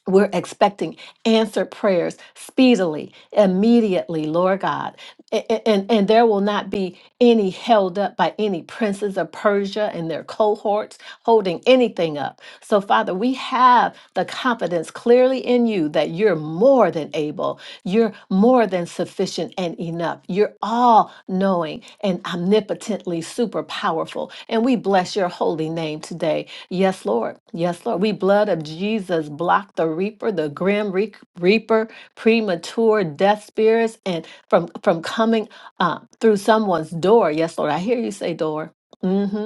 Speaker 7: we're expecting answered prayers speedily, immediately, Lord God. A- a- And, and there will not be any held up by any princes of Persia and their cohorts holding anything up. So, Father, we have the confidence clearly in you that you're more than able, you're more than sufficient and enough. You're all knowing and omnipotently super powerful. And we bless your holy name today Yes, Lord. Yes, Lord. We blood of Jesus block the reaper, the grim re- reaper, premature death spirits, and from from coming uh, through someone's door. Yes, Lord. I hear you say door. hmm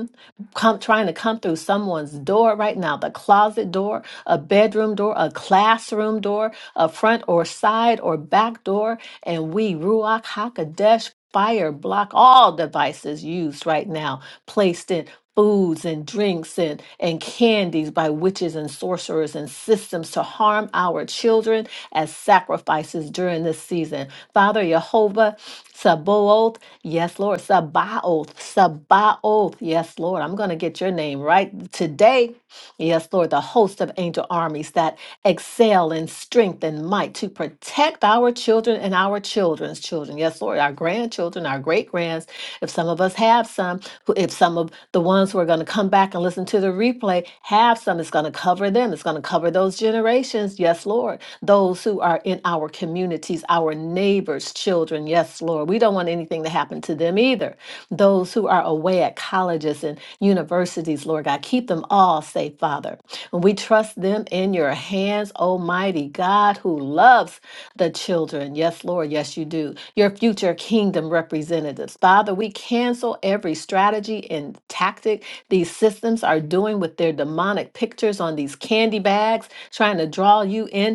Speaker 7: come trying to come through someone's door right now the closet door a bedroom door a classroom door a front or side or back door and we ruach hakodesh fire block all devices used right now placed in foods and drinks and, and candies by witches and sorcerers and systems to harm our children as sacrifices during this season father jehovah Sabaoth, yes, Lord. Sabaoth, Sabaoth, yes, Lord. I'm going to get your name right today. Yes, Lord, the host of angel armies that excel in strength and might to protect our children and our children's children. Yes, Lord, our grandchildren, our great grands. If some of us have some, who- if some of the ones who are going to come back and listen to the replay have some, it's going to cover them. It's going to cover those generations. Yes, Lord. Those who are in our communities, our neighbors' children. Yes, Lord. We don't want anything to happen to them either those who are away at colleges and universities, Lord God. Keep them all safe, Father. And we trust them in your hands, Almighty God, who loves the children. Yes, Lord, yes, you do. Your future kingdom representatives. Father, we cancel every strategy and tactic these systems are doing with their demonic pictures on these candy bags, trying to draw you in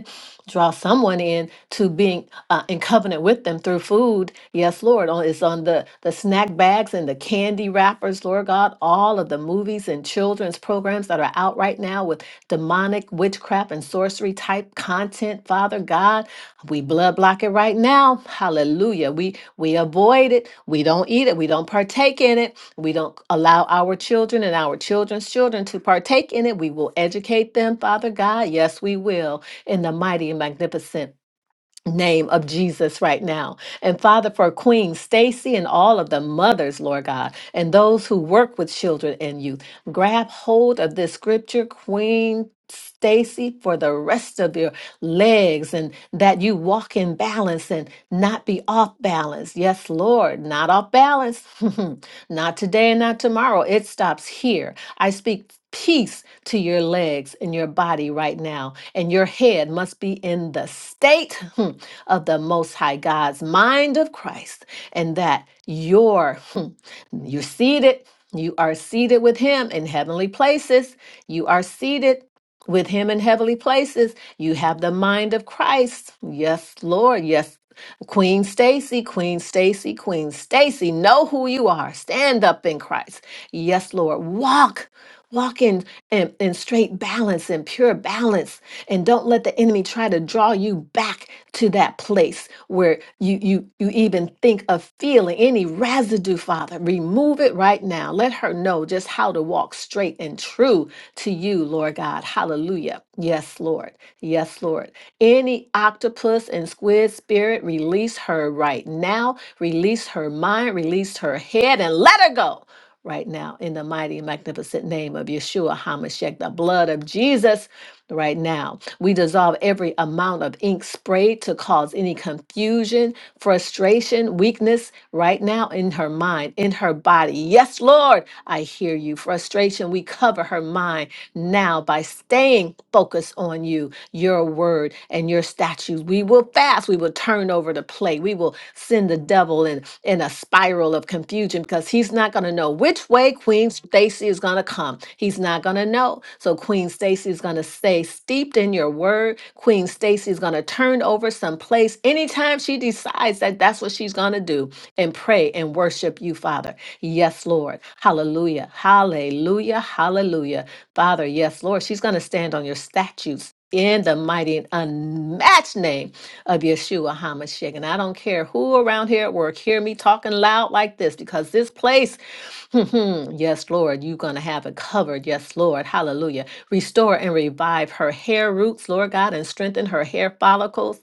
Speaker 7: draw someone in to being uh, in covenant with them through food. Yes, Lord. On it's on the the snack bags and the candy wrappers, Lord God. All of the movies and children's programs that are out right now with demonic witchcraft and sorcery type content, Father God, we blood block it right now. Hallelujah. We we avoid it. We don't eat it. We don't partake in it. We don't allow our children and our children's children to partake in it. We will educate them, Father God. Yes, we will in the mighty and magnificent name of Jesus right now. And Father, for Queen Stacy and all of the mothers, Lord God, and those who work with children and youth, grab hold of this scripture, Queen. Stacy, for the rest of your legs, and that you walk in balance and not be off balance. Yes, Lord, not off balance. not today and not tomorrow. It stops here. I speak peace to your legs and your body right now, and your head must be in the state hmm, of the Most High God's mind of Christ, and that your hmm, you're seated. You are seated with him in heavenly places. You are seated with him in heavenly places. You have the mind of Christ. Yes, Lord. Yes, Queen Stacy, Queen Stacy, Queen Stacy. Know who you are. Stand up in Christ. Yes, Lord. Walk, walk in, in, in straight balance and pure balance. And don't let the enemy try to draw you back to that place where you you you even think of feeling any residue, Father. Remove it right now. Let her know just how to walk straight and true to you, Lord God. Hallelujah. Yes, Lord. Yes, Lord. Any octopus and squid spirit, release her right now. Release her mind, release her head, and let her go right now in the mighty magnificent name of Yeshua HaMashiach, the blood of Jesus right now. We dissolve every amount of ink sprayed to cause any confusion, frustration, weakness right now in her mind, in her body. Yes, Lord, I hear you. Frustration, we cover her mind now by staying focused on you your word and your statutes. We will fast. We will turn over the plate. We will send the devil in, in a spiral of confusion because he's not going to know which way Queen Stacy is going to come. He's not going to know. So Queen Stacy is going to stay steeped in your word. Queen Stacy is going to turn over some place anytime she decides that that's what she's going to do and pray and worship you, Father. Yes, Lord. Hallelujah. Hallelujah. Hallelujah. Father, yes, Lord. She's going to stand on your statutes in the mighty and unmatched name of Yeshua HaMashiach. And I don't care who around here at work hear me talking loud like this because this place, yes, Lord, you're going to have it covered. Yes, Lord. Hallelujah. Restore and revive her hair roots, Lord God, and strengthen her hair follicles.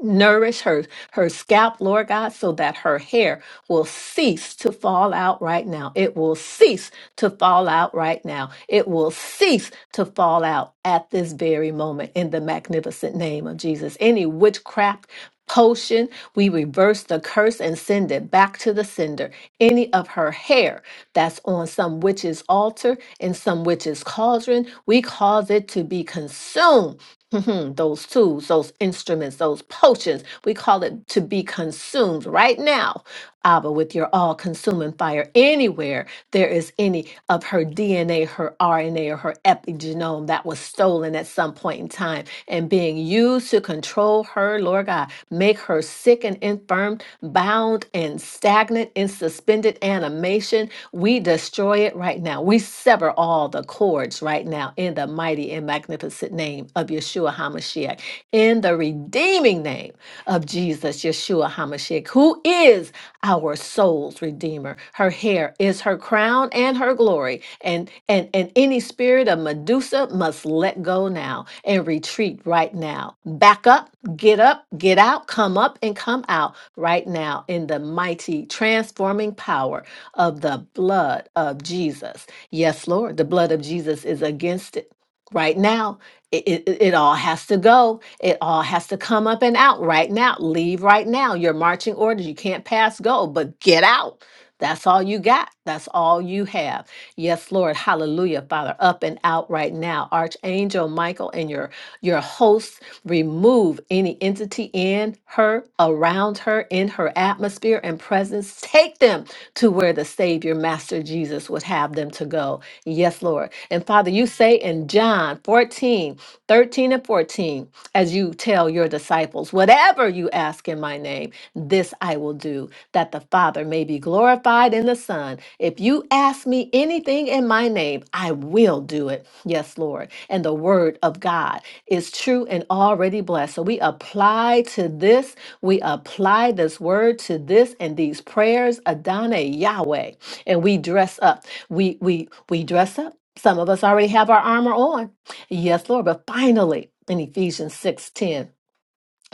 Speaker 7: Nourish her, her scalp, Lord God, so that her hair will cease to fall out right now. It will cease to fall out right now. It will cease to fall out at this very moment in the magnificent name of Jesus. Any witchcraft potion, we reverse the curse and send it back to the sender. Any of her hair that's on some witch's altar and some witch's cauldron, we cause it to be consumed Mhm, Those tools, those instruments, those potions, we call it to be consumed right now, Abba, with your all consuming fire. Anywhere there is any of her DNA, her RNA, or her epigenome that was stolen at some point in time and being used to control her, Lord God, make her sick and infirm, bound and stagnant in suspended animation we destroy it right now. We sever all the cords right now in the mighty and magnificent name of Yeshua HaMashiach, in the redeeming name of Jesus, Yeshua HaMashiach, who is our soul's redeemer. Her hair is her crown and her glory. And and and any spirit of Medusa must let go now and retreat right now. Back up, get up, get out, come up and come out right now in the mighty transforming power of the blood of Jesus. Yes, Lord, the blood of Jesus is against it. Right now, it, it, it all has to go. It all has to come up and out right now. Leave right now. Your marching orders, you can't pass go, but get out. That's all you got. That's all you have. Yes, Lord. Hallelujah, Father. Up and out right now. Archangel Michael and your your hosts remove any entity in her, around her, in her atmosphere and presence. Take them to where the Savior, Master Jesus, would have them to go. Yes, Lord. And Father, you say in John 14, 13, and 14, as you tell your disciples, whatever you ask in my name, this I will do, that the Father may be glorified in the Son. If you ask me anything in my name, I will do it. Yes, Lord. And the word of God is true and already blessed. So we apply to this we apply this word to this and these prayers, Adonai Yahweh, and we dress up. We we we dress up. Some of us already have our armor on. Yes, Lord, but finally in Ephesians 6:10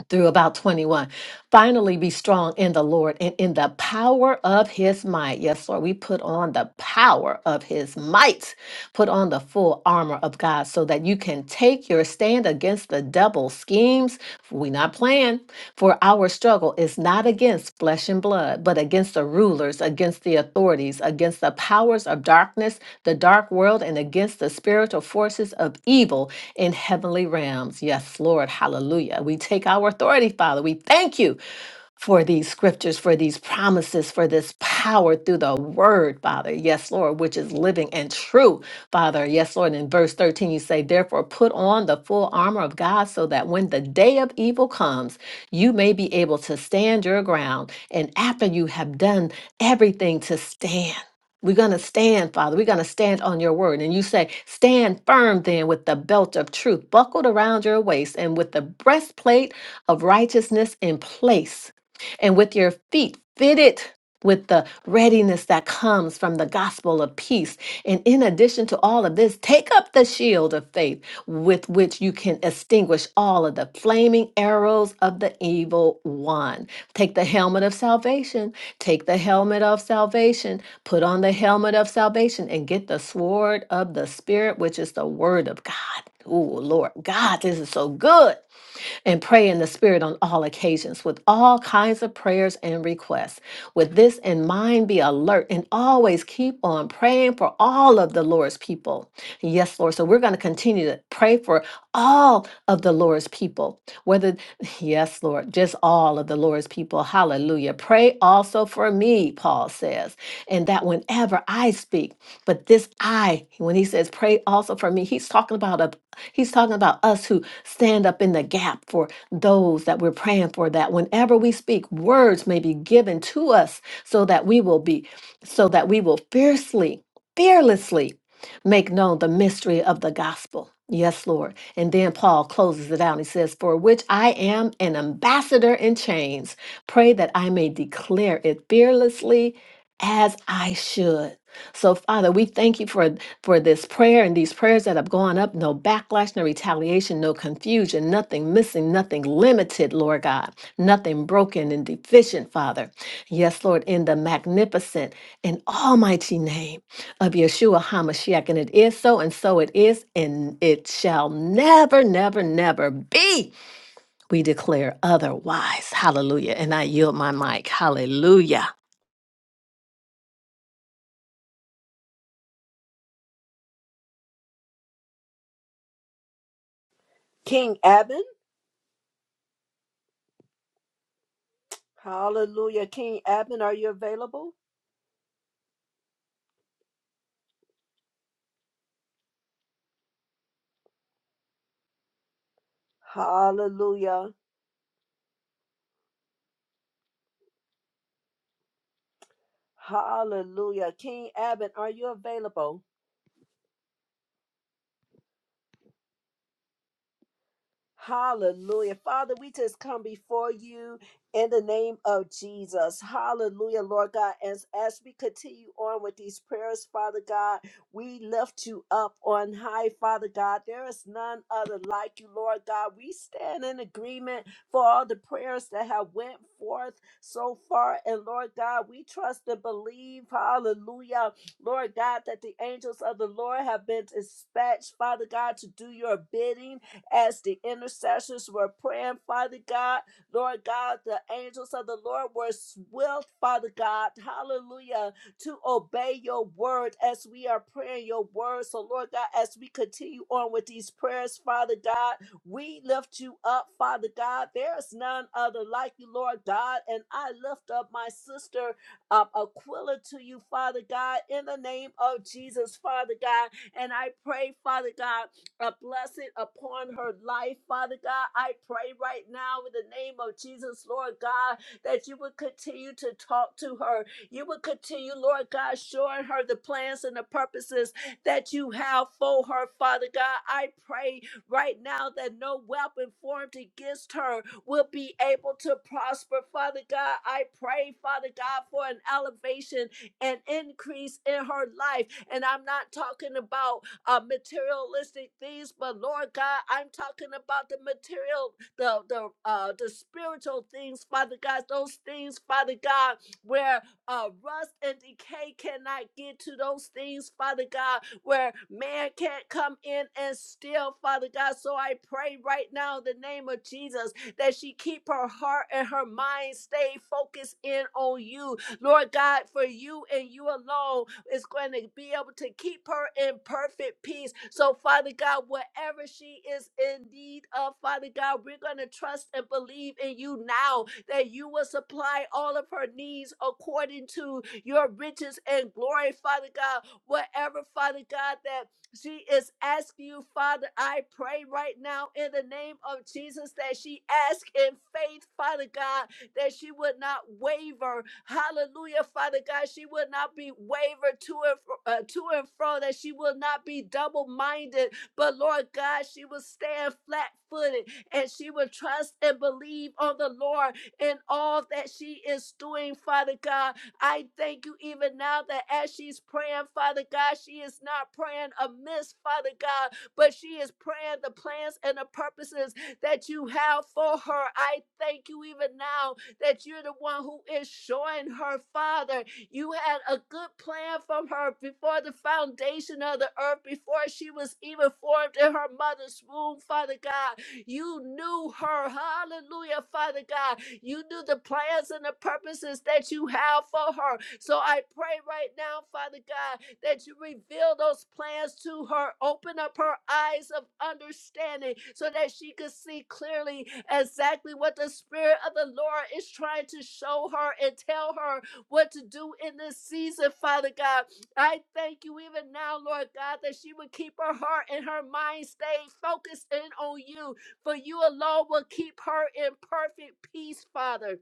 Speaker 7: through about 21. Finally, be strong in the Lord and in the power of his might. Yes, Lord, we put on the power of his might. Put on the full armor of God so that you can take your stand against the devil schemes. We're not playing, for our struggle is not against flesh and blood, but against the rulers, against the authorities, against the powers of darkness, the dark world, and against the spiritual forces of evil in heavenly realms. Yes, Lord. Hallelujah. We take our authority, Father. We thank you for these scriptures, for these promises, for this power through the word, Father. Yes, Lord, which is living and true, Father. Yes, Lord. In verse 13, you say, Therefore, put on the full armor of God so that when the day of evil comes, you may be able to stand your ground. And after you have done everything to stand, we're going to stand, Father. We're going to stand on your word. And you say, Stand firm then with the belt of truth buckled around your waist and with the breastplate of righteousness in place and with your feet fitted with the readiness that comes from the gospel of peace. And in addition to all of this, take up the shield of faith with which you can extinguish all of the flaming arrows of the evil one. Take the helmet of salvation, take the helmet of salvation, put on the helmet of salvation, and get the sword of the Spirit, which is the word of God. Oh, Lord God, this is so good and pray in the Spirit on all occasions with all kinds of prayers and requests. With this in mind, be alert and always keep on praying for all of the Lord's people. Yes, Lord. So we're going to continue to pray for all of the Lord's people, whether, yes, Lord, just all of the Lord's people. Hallelujah. Pray also for me, Paul says, and that whenever I speak, but this I, when he says pray also for me, he's talking about a he's talking about us who stand up in the gap for those that we're praying for, that whenever we speak, words may be given to us so that we will be, so that we will fiercely, fearlessly make known the mystery of the gospel. Yes, Lord. And then Paul closes it out. He says, For which I am an ambassador in chains. Pray that I may declare it fearlessly as I should. So, Father, we thank you for for this prayer and these prayers that have gone up no backlash, no retaliation, no confusion, nothing missing, nothing limited, Lord God, nothing broken and deficient, Father. Yes, Lord, in the magnificent and almighty name of Yeshua HaMashiach. And it is so, and so it is, and it shall never, never, never be. We declare otherwise. Hallelujah. And I yield my mic. Hallelujah.
Speaker 2: King Abin. Hallelujah. King Abin, are you available? Hallelujah. Hallelujah. King Abbott, are you available? Hallelujah. Father, we just come before you in the name of Jesus. Hallelujah, Lord God. As, as we continue on with these prayers, Father God, we lift you up on high, Father God. There is none other like you, Lord God. We stand in agreement for all the prayers that have went forth so far. And Lord God, we trust and believe, hallelujah, Lord God, that the angels of the Lord have been dispatched, Father God, to do your bidding as the intercessors were praying, Father God. Lord God, the angels of the Lord were swift, Father God, hallelujah, to obey your word as we are praying your word. So, Lord God, as we continue on with these prayers, Father God, we lift you up, Father God. There is none other like you, Lord God. And I lift up my sister um, Aquila to you, Father God, in the name of Jesus, Father God. And I pray, Father God a blessing upon her life, Father God. I pray right now in the name of Jesus, Lord God, that you would continue to talk to her. You would continue, Lord God, showing her the plans and the purposes that you have for her, Father God. I pray right now that no weapon formed against her will be able to prosper, Father God. I pray, Father God, for an elevation and increase in her life. And I'm not talking about uh, materialistic things, but Lord God, I'm talking about the material, the the uh, the spiritual things, Father God. Those things, Father God, where uh, rust and decay cannot get to those things, Father God, where man can't come in and steal, Father God. So I pray right now in the name of Jesus that she keep her heart and her mind stay focused in on you, Lord God, for you and you alone is going to be able to keep her in perfect peace. So, Father God, whatever she is in need of, Father God, we're going to trust and believe in you now that you will supply all of her needs according to your riches and glory, Father God. Whatever, Father God, that she is asking you, Father, I pray right now in the name of Jesus that she ask in faith, Father God, that she would not waver. Hallelujah, Father God. She would not be wavered to and fro, uh, to and fro, that she will not be double minded. But Lord God, she will stand flat footed and she will trust and believe on the Lord in all that she is doing, Father God. I thank you even now that as she's praying, Father God, she is not praying amiss, Father God, but she is praying the plans and the purposes that you have for her. I thank you even now that you're the one who is showing her, Father. You had a good plan from her before the foundation of the earth, before she was even formed in her mother's womb, Father God. You knew her. Hallelujah, Father God. You knew the plans and the purposes that you have for her. So I pray right now, Father God, that you reveal those plans to her. Open up her eyes of understanding so that she could see clearly exactly what the Spirit of the Lord is trying to show her and tell her what to do in this season, Father God. I thank you even now, Lord God, that she would keep her heart and her mind stayed focused in on you, for you alone will keep her in perfect peace, Father.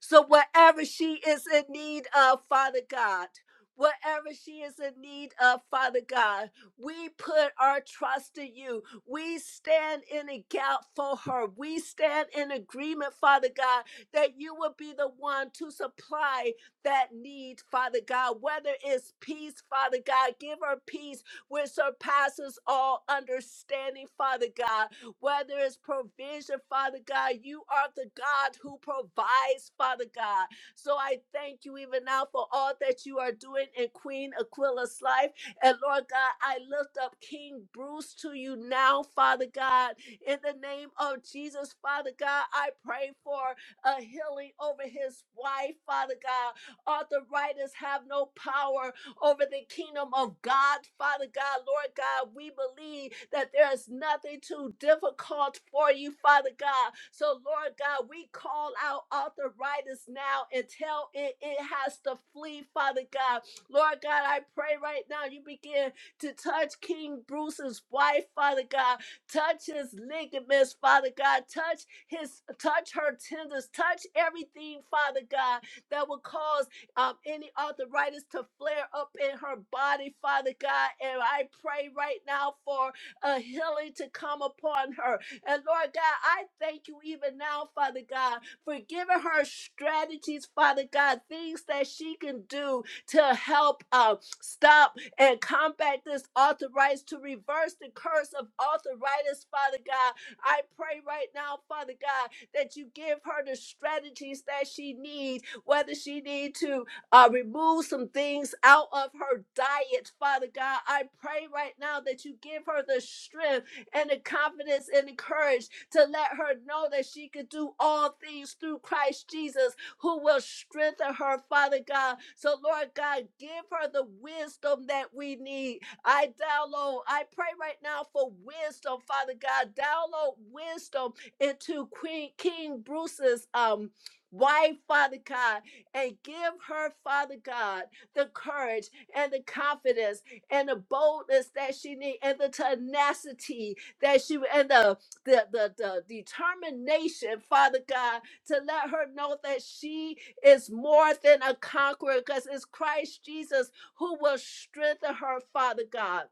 Speaker 2: So, whatever she is in need of, Father God, whatever she is in need of, Father God, we put our trust in you. We stand in a gap for her. We stand in agreement, Father God, that you will be the one to supply that need, Father God, whether it's peace, Father God, give her peace which surpasses all understanding, Father God whether it's provision, Father God. You are the God who provides, Father God. So I thank you even now for all that you are doing in Queen Aquila's life. And Lord God, I lift up King Bruce to you now, Father God. In the name of Jesus, Father God, I pray for a healing over his wife, Father God. Arthritis have no power over the kingdom of God. Father God, Lord God, we believe that there is nothing too difficult for you, Father God. So, Lord God, we call out arthritis now and tell it it has to flee, Father God. Lord God, I pray right now you begin to touch King Bruce's wife, Father God. Touch his ligaments, Father God. Touch his touch her tendons. Touch everything, Father God, that will cause um, any arthritis to flare up in her body, Father God. And I pray right now for a healing to come upon her. And Lord God, I thank you even now, Father God, for giving her strategies, Father God, things that she can do to help uh, stop and combat this arthritis, to reverse the curse of arthritis, Father God. I pray right now, Father God, that you give her the strategies that she needs, whether she need to uh, remove some things out of her diet, Father God. I pray right now that you give her the strength and the confidence and the courage to let her know that she can do all things through Christ Jesus, who will strengthen her, Father God. So, Lord God, give her the wisdom that we need. I download, I pray right now for wisdom, Father God. Download wisdom into Queen King Bruce's um wife, Father God and give her, Father God, the courage and the confidence and the boldness that she needs and the tenacity that she and the, the the the determination, Father God, to let her know that she is more than a conqueror because it's Christ Jesus who will strengthen her, Father God.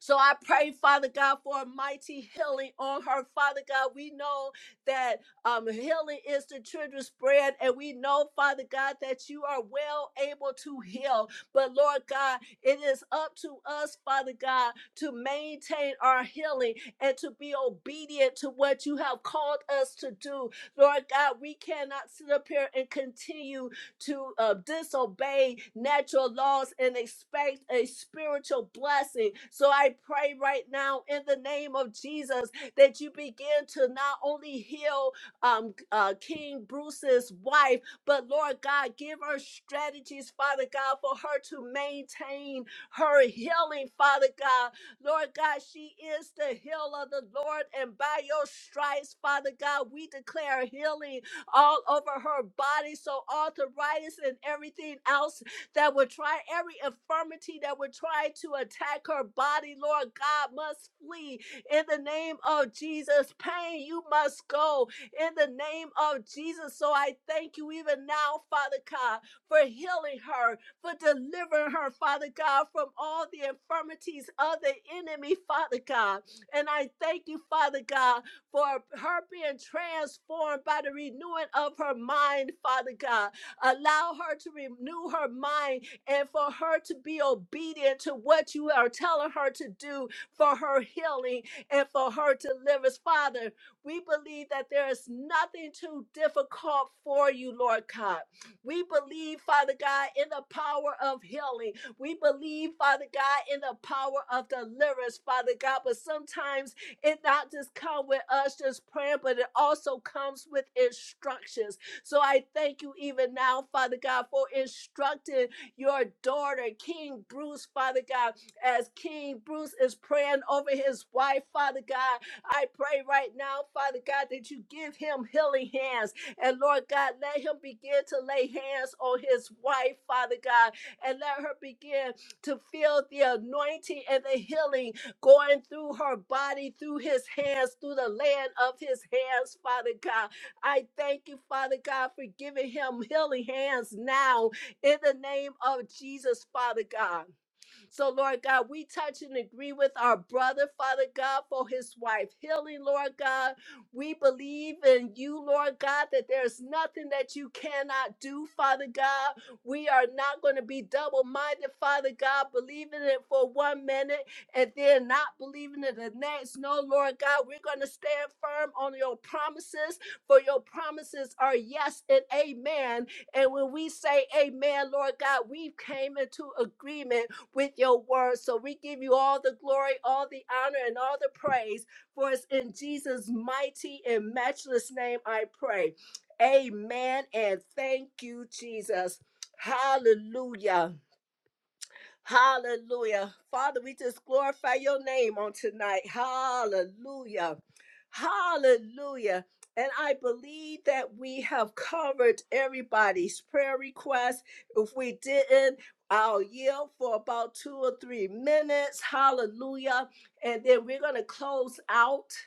Speaker 2: So I pray, Father God, for a mighty healing on her. Father God, we know that um, healing is the children's bread, and we know, Father God, that you are well able to heal. But Lord God, it is up to us, Father God, to maintain our healing and to be obedient to what you have called us to do. Lord God, we cannot sit up here and continue to uh, disobey natural laws and expect a spiritual blessing. So I pray right now in the name of Jesus that you begin to not only heal um, uh, King Bruce's wife, but Lord God, give her strategies, Father God, for her to maintain her healing, Father God. Lord God, she is the healer, the Lord, and by your stripes, Father God, we declare healing all over her body. So arthritis and everything else that would try, every infirmity that would try to attack her body, Lord God, must flee in the name of Jesus. Pain, you must go in the name of Jesus. So I thank you even now, Father God, for healing her, for delivering her, Father God, from all the infirmities of the enemy, Father God. And I thank you, Father God for her being transformed by the renewing of her mind, Father God. Allow her to renew her mind and for her to be obedient to what you are telling her to do for her healing and for her deliverance. Father, we believe that there is nothing too difficult for you, Lord God. We believe, Father God, in the power of healing. We believe, Father God, in the power of deliverance, Father God. But sometimes it not just come with us just praying, but it also comes with instructions. So I thank you even now, Father God, for instructing your daughter, King Bruce, Father God, as King Bruce is praying over his wife, Father God. I pray right now, Father God, that you give him healing hands. And Lord God, let him begin to lay hands on his wife, Father God, and let her begin to feel the anointing and the healing going through her body, through his hands, through the land of his hands, Father God. I thank you, Father God, for giving him healing hands now in the name of Jesus, Father God. So, Lord God, we touch and agree with our brother, Father God, for his wife healing, Lord God. We believe in you, Lord God, that there's nothing that you cannot do, Father God. We are not going to be double minded, Father God, believing it for one minute and then not believing it the next. No, Lord God, we're going to stand firm on your promises, for your promises are yes and amen. And when we say amen, Lord God, we came into agreement with your word. So we give you all the glory, all the honor, and all the praise. For it's in Jesus' mighty and matchless name I pray. Amen. And thank you, Jesus. Hallelujah. Hallelujah. Father, we just glorify your name on tonight. Hallelujah. Hallelujah. And I believe that we have covered everybody's prayer request. If we didn't, I'll yield for about two or three minutes. Hallelujah. And then we're going to close out.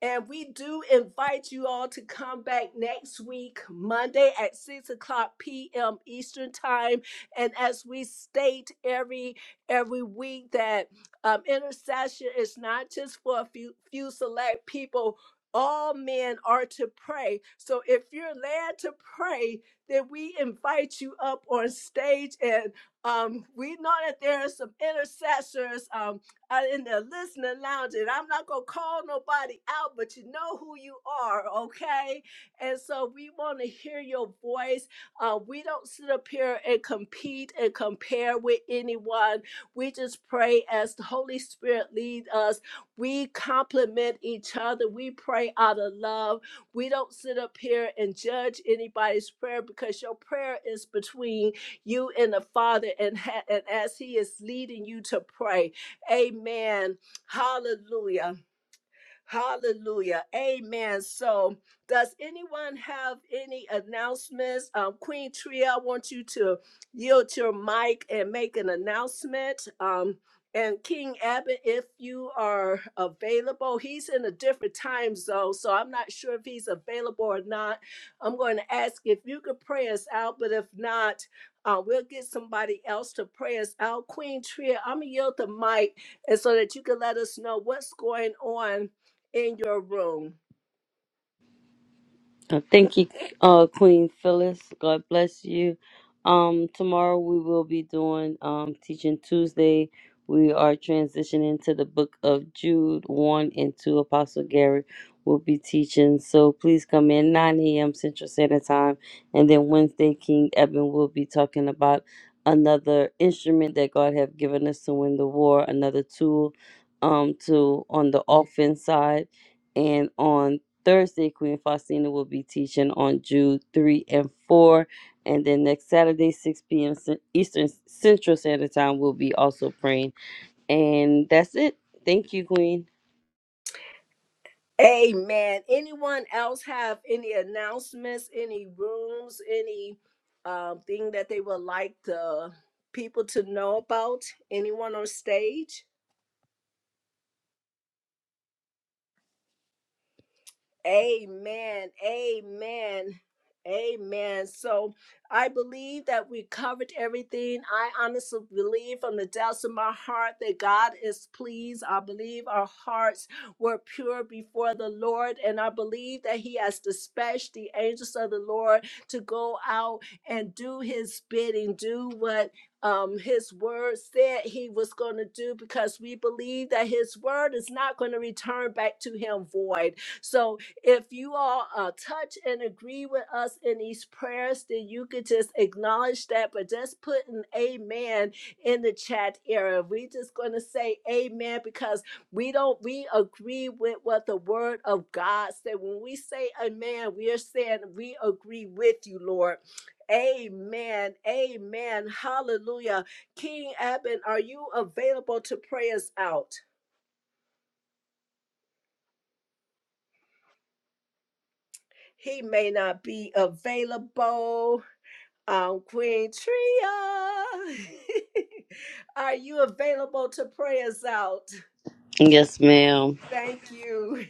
Speaker 2: And we do invite you all to come back next week, Monday at 6 o'clock p.m. Eastern Time. And as we state every every week that um, intercession is not just for a few, few select people. All men are to pray. So if you're led to pray, then we invite you up on stage. And um, we know that there are some intercessors. Um, uh, in the listening lounge, and I'm not gonna call nobody out, but you know who you are, okay? And so we want to hear your voice. Uh, we don't sit up here and compete and compare with anyone. We just pray as the Holy Spirit lead us. We complement each other. We pray out of love. We don't sit up here and judge anybody's prayer because your prayer is between you and the Father, and ha- and as He is leading you to pray. Amen. Hallelujah. Hallelujah. Amen. So, does anyone have any announcements? Um, Queen Tria, I want you to yield your mic and make an announcement. Um, and King Abbott, if you are available, he's in a different time zone, so I'm not sure if he's available or not. I'm going to ask if you could pray us out, but if not, uh, we'll get somebody else to pray us out. Queen Tria, I'm going to yield the mic and so that you can let us know what's going on in your room.
Speaker 4: Uh, Thank you, uh, Queen Phyllis. God bless you. Um, tomorrow we will be doing um, Teaching Tuesday. We are transitioning to the book of Jude 1 and 2. Apostle Gary will be teaching. So please come in 9 a.m. Central Standard Time. And then Wednesday, King Eben will be talking about another instrument that God have given us to win the war, another tool um, to on the offense side and on Thursday, Queen Faustina will be teaching on Jude 3 and 4. And then next Saturday, 6 p.m. Cen- Eastern Central Standard Time, we'll be also praying. And that's it. Thank you, Queen.
Speaker 2: Amen. Anyone else have any announcements, any rooms, any um, thing that they would like the people to know about? Anyone on stage? Amen. Amen. Amen. So I believe that we covered everything. I honestly believe from the depths of my heart that God is pleased. I believe our hearts were pure before the Lord, and I believe that He has dispatched the angels of the Lord to go out and do His bidding, do what um, his word said he was going to do because we believe that his word is not going to return back to him void. So if you all uh, touch and agree with us in these prayers, then you could just acknowledge that, but just put an amen in the chat area. We're just going to say amen because we don't, we agree with what the word of God said. When we say amen, we are saying we agree with you, Lord. Amen. Amen. Hallelujah. King Abin, are you available to pray us out? He may not be available. Um, Queen Tria, are you available to pray us out?
Speaker 4: Yes, ma'am.
Speaker 2: Thank you.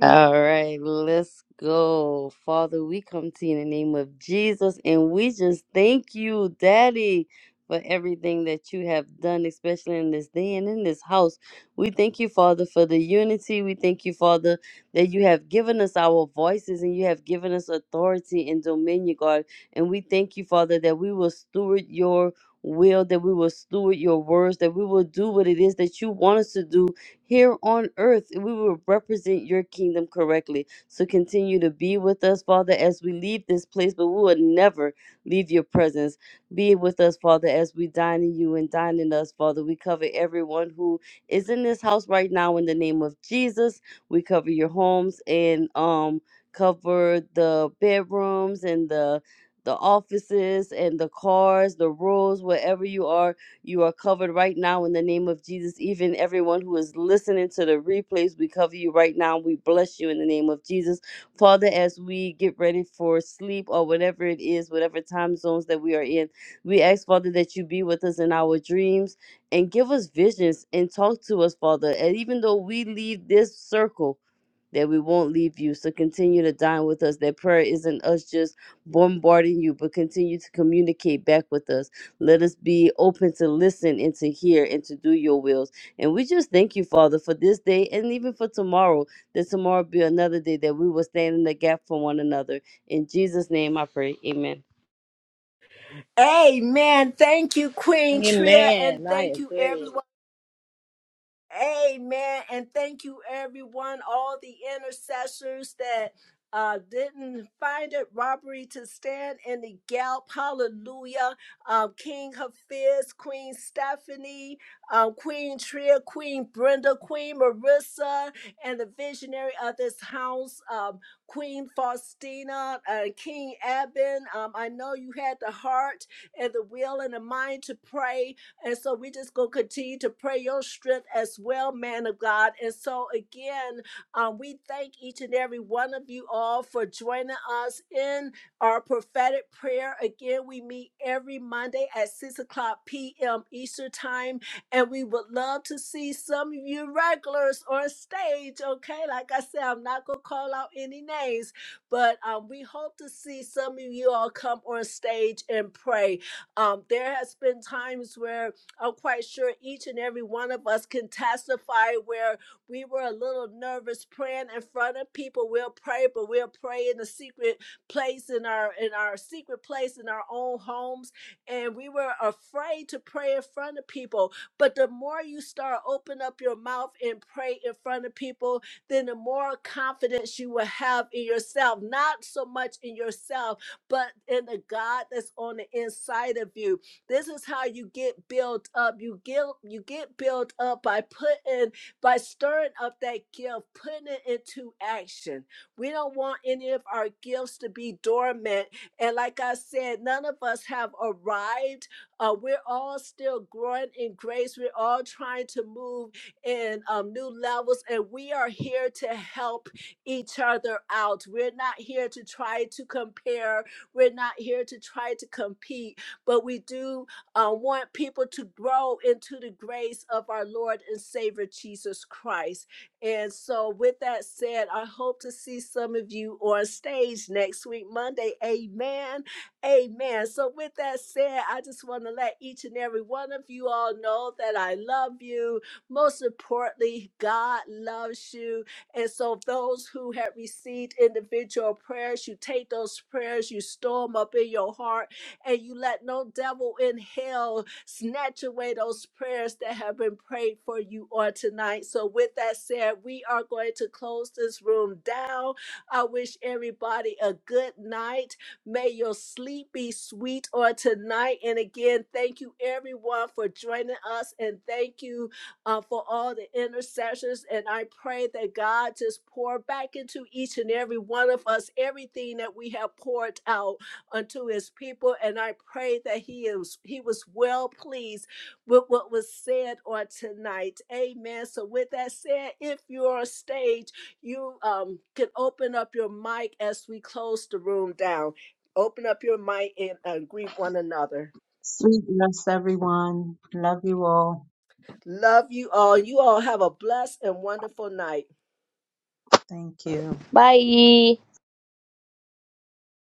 Speaker 4: All right, let's go. Father, we come to you in the name of Jesus and we just thank you, Daddy, for everything that you have done, especially in this day and in this house. We thank you, Father, for the unity. We thank you, Father, that you have given us our voices and you have given us authority and dominion, God. And we thank you, Father, that we will steward your will, that we will steward your words, that we will do what it is that you want us to do here on earth we will represent your kingdom correctly. So continue to be with us, Father, as we leave this place, but we will never leave your presence. Be with us, Father, as we dine in you and dine in us, Father. We cover everyone who is in this house right now in the name of Jesus. We cover your homes and um cover the bedrooms and the the offices and the cars, the roads, wherever you are you are covered right now in the name of Jesus. Even everyone who is listening to the replays, we cover you right now. We bless you in the name of Jesus. Father, as we get ready for sleep or whatever it is, whatever time zones that we are in, we ask, Father, that you be with us in our dreams and give us visions and talk to us, Father. And even though we leave this circle, that we won't leave you. So continue to dine with us. That prayer isn't us just bombarding you, but continue to communicate back with us. Let us be open to listen and to hear and to do your wills. And we just thank you, Father, for this day and even for tomorrow, that tomorrow be another day that we will stand in the gap for one another. In Jesus' name I pray. Amen.
Speaker 2: Amen. Thank you, Queen Tria, and thank you, everyone. Amen. And thank you, everyone, all the intercessors that uh, didn't find it robbery to stand in the gap. Hallelujah. Um, King Hafiz, Queen Stephanie, um, Queen Tria, Queen Brenda, Queen Marissa, and the visionary of this house, um, Queen Faustina, uh, King Eben. Um, I know you had the heart and the will and the mind to pray and so we just going to continue to pray your strength as well, man of God. And so again, um, we thank each and every one of you all for joining us in our prophetic prayer. Again, we meet every Monday at 6 o'clock p.m. Eastern Time. And we would love to see some of you regulars on stage. Okay, like I said, I'm not going to call out any names, but um, we hope to see some of you all come on stage and pray. Um, there has been times where I'm quite sure each and every one of us can testify where we were a little nervous praying in front of people. We'll pray, but we'll pray in the secret place in our in our secret place in our own homes. And we were afraid to pray in front of people. But the more you start open up your mouth and pray in front of people, then the more confidence you will have in yourself. Not so much in yourself, but in the God that's on the inside of you this is how you get built up. You get you get built up by putting by stirring up that gift, putting it into action. We don't want any of our gifts to be dormant. And like I said, none of us have arrived. Uh, we're all still growing in grace. We're all trying to move in um, new levels, and we are here to help each other out. We're not here to try to compare. We're not here to try to compete but we do uh, want people to grow into the grace of our Lord and Savior Jesus Christ. And so, with that said, I hope to see some of you on stage next week, Monday. Amen. Amen. So, with that said, I just want to let each and every one of you all know that I love you. Most importantly, God loves you. And so, those who have received individual prayers, you take those prayers, you store them up in your heart and you let no devil in hell snatch away those prayers that have been prayed for you on tonight. So, with that said, we are going to close this room down. I wish everybody a good night. May your sleep be sweet on tonight. And again, thank you everyone for joining us, and thank you uh, for all the intercessions. And I pray that God just pour back into each and every one of us everything that we have poured out unto his people and i pray that he is he was well pleased with what was said on tonight amen so with that said if you're on stage you um can open up your mic as we close the room down open up your mic and uh, greet one another
Speaker 6: Sweet rest, everyone. Love you all.
Speaker 2: love you all you all have a blessed and wonderful night
Speaker 6: Thank you.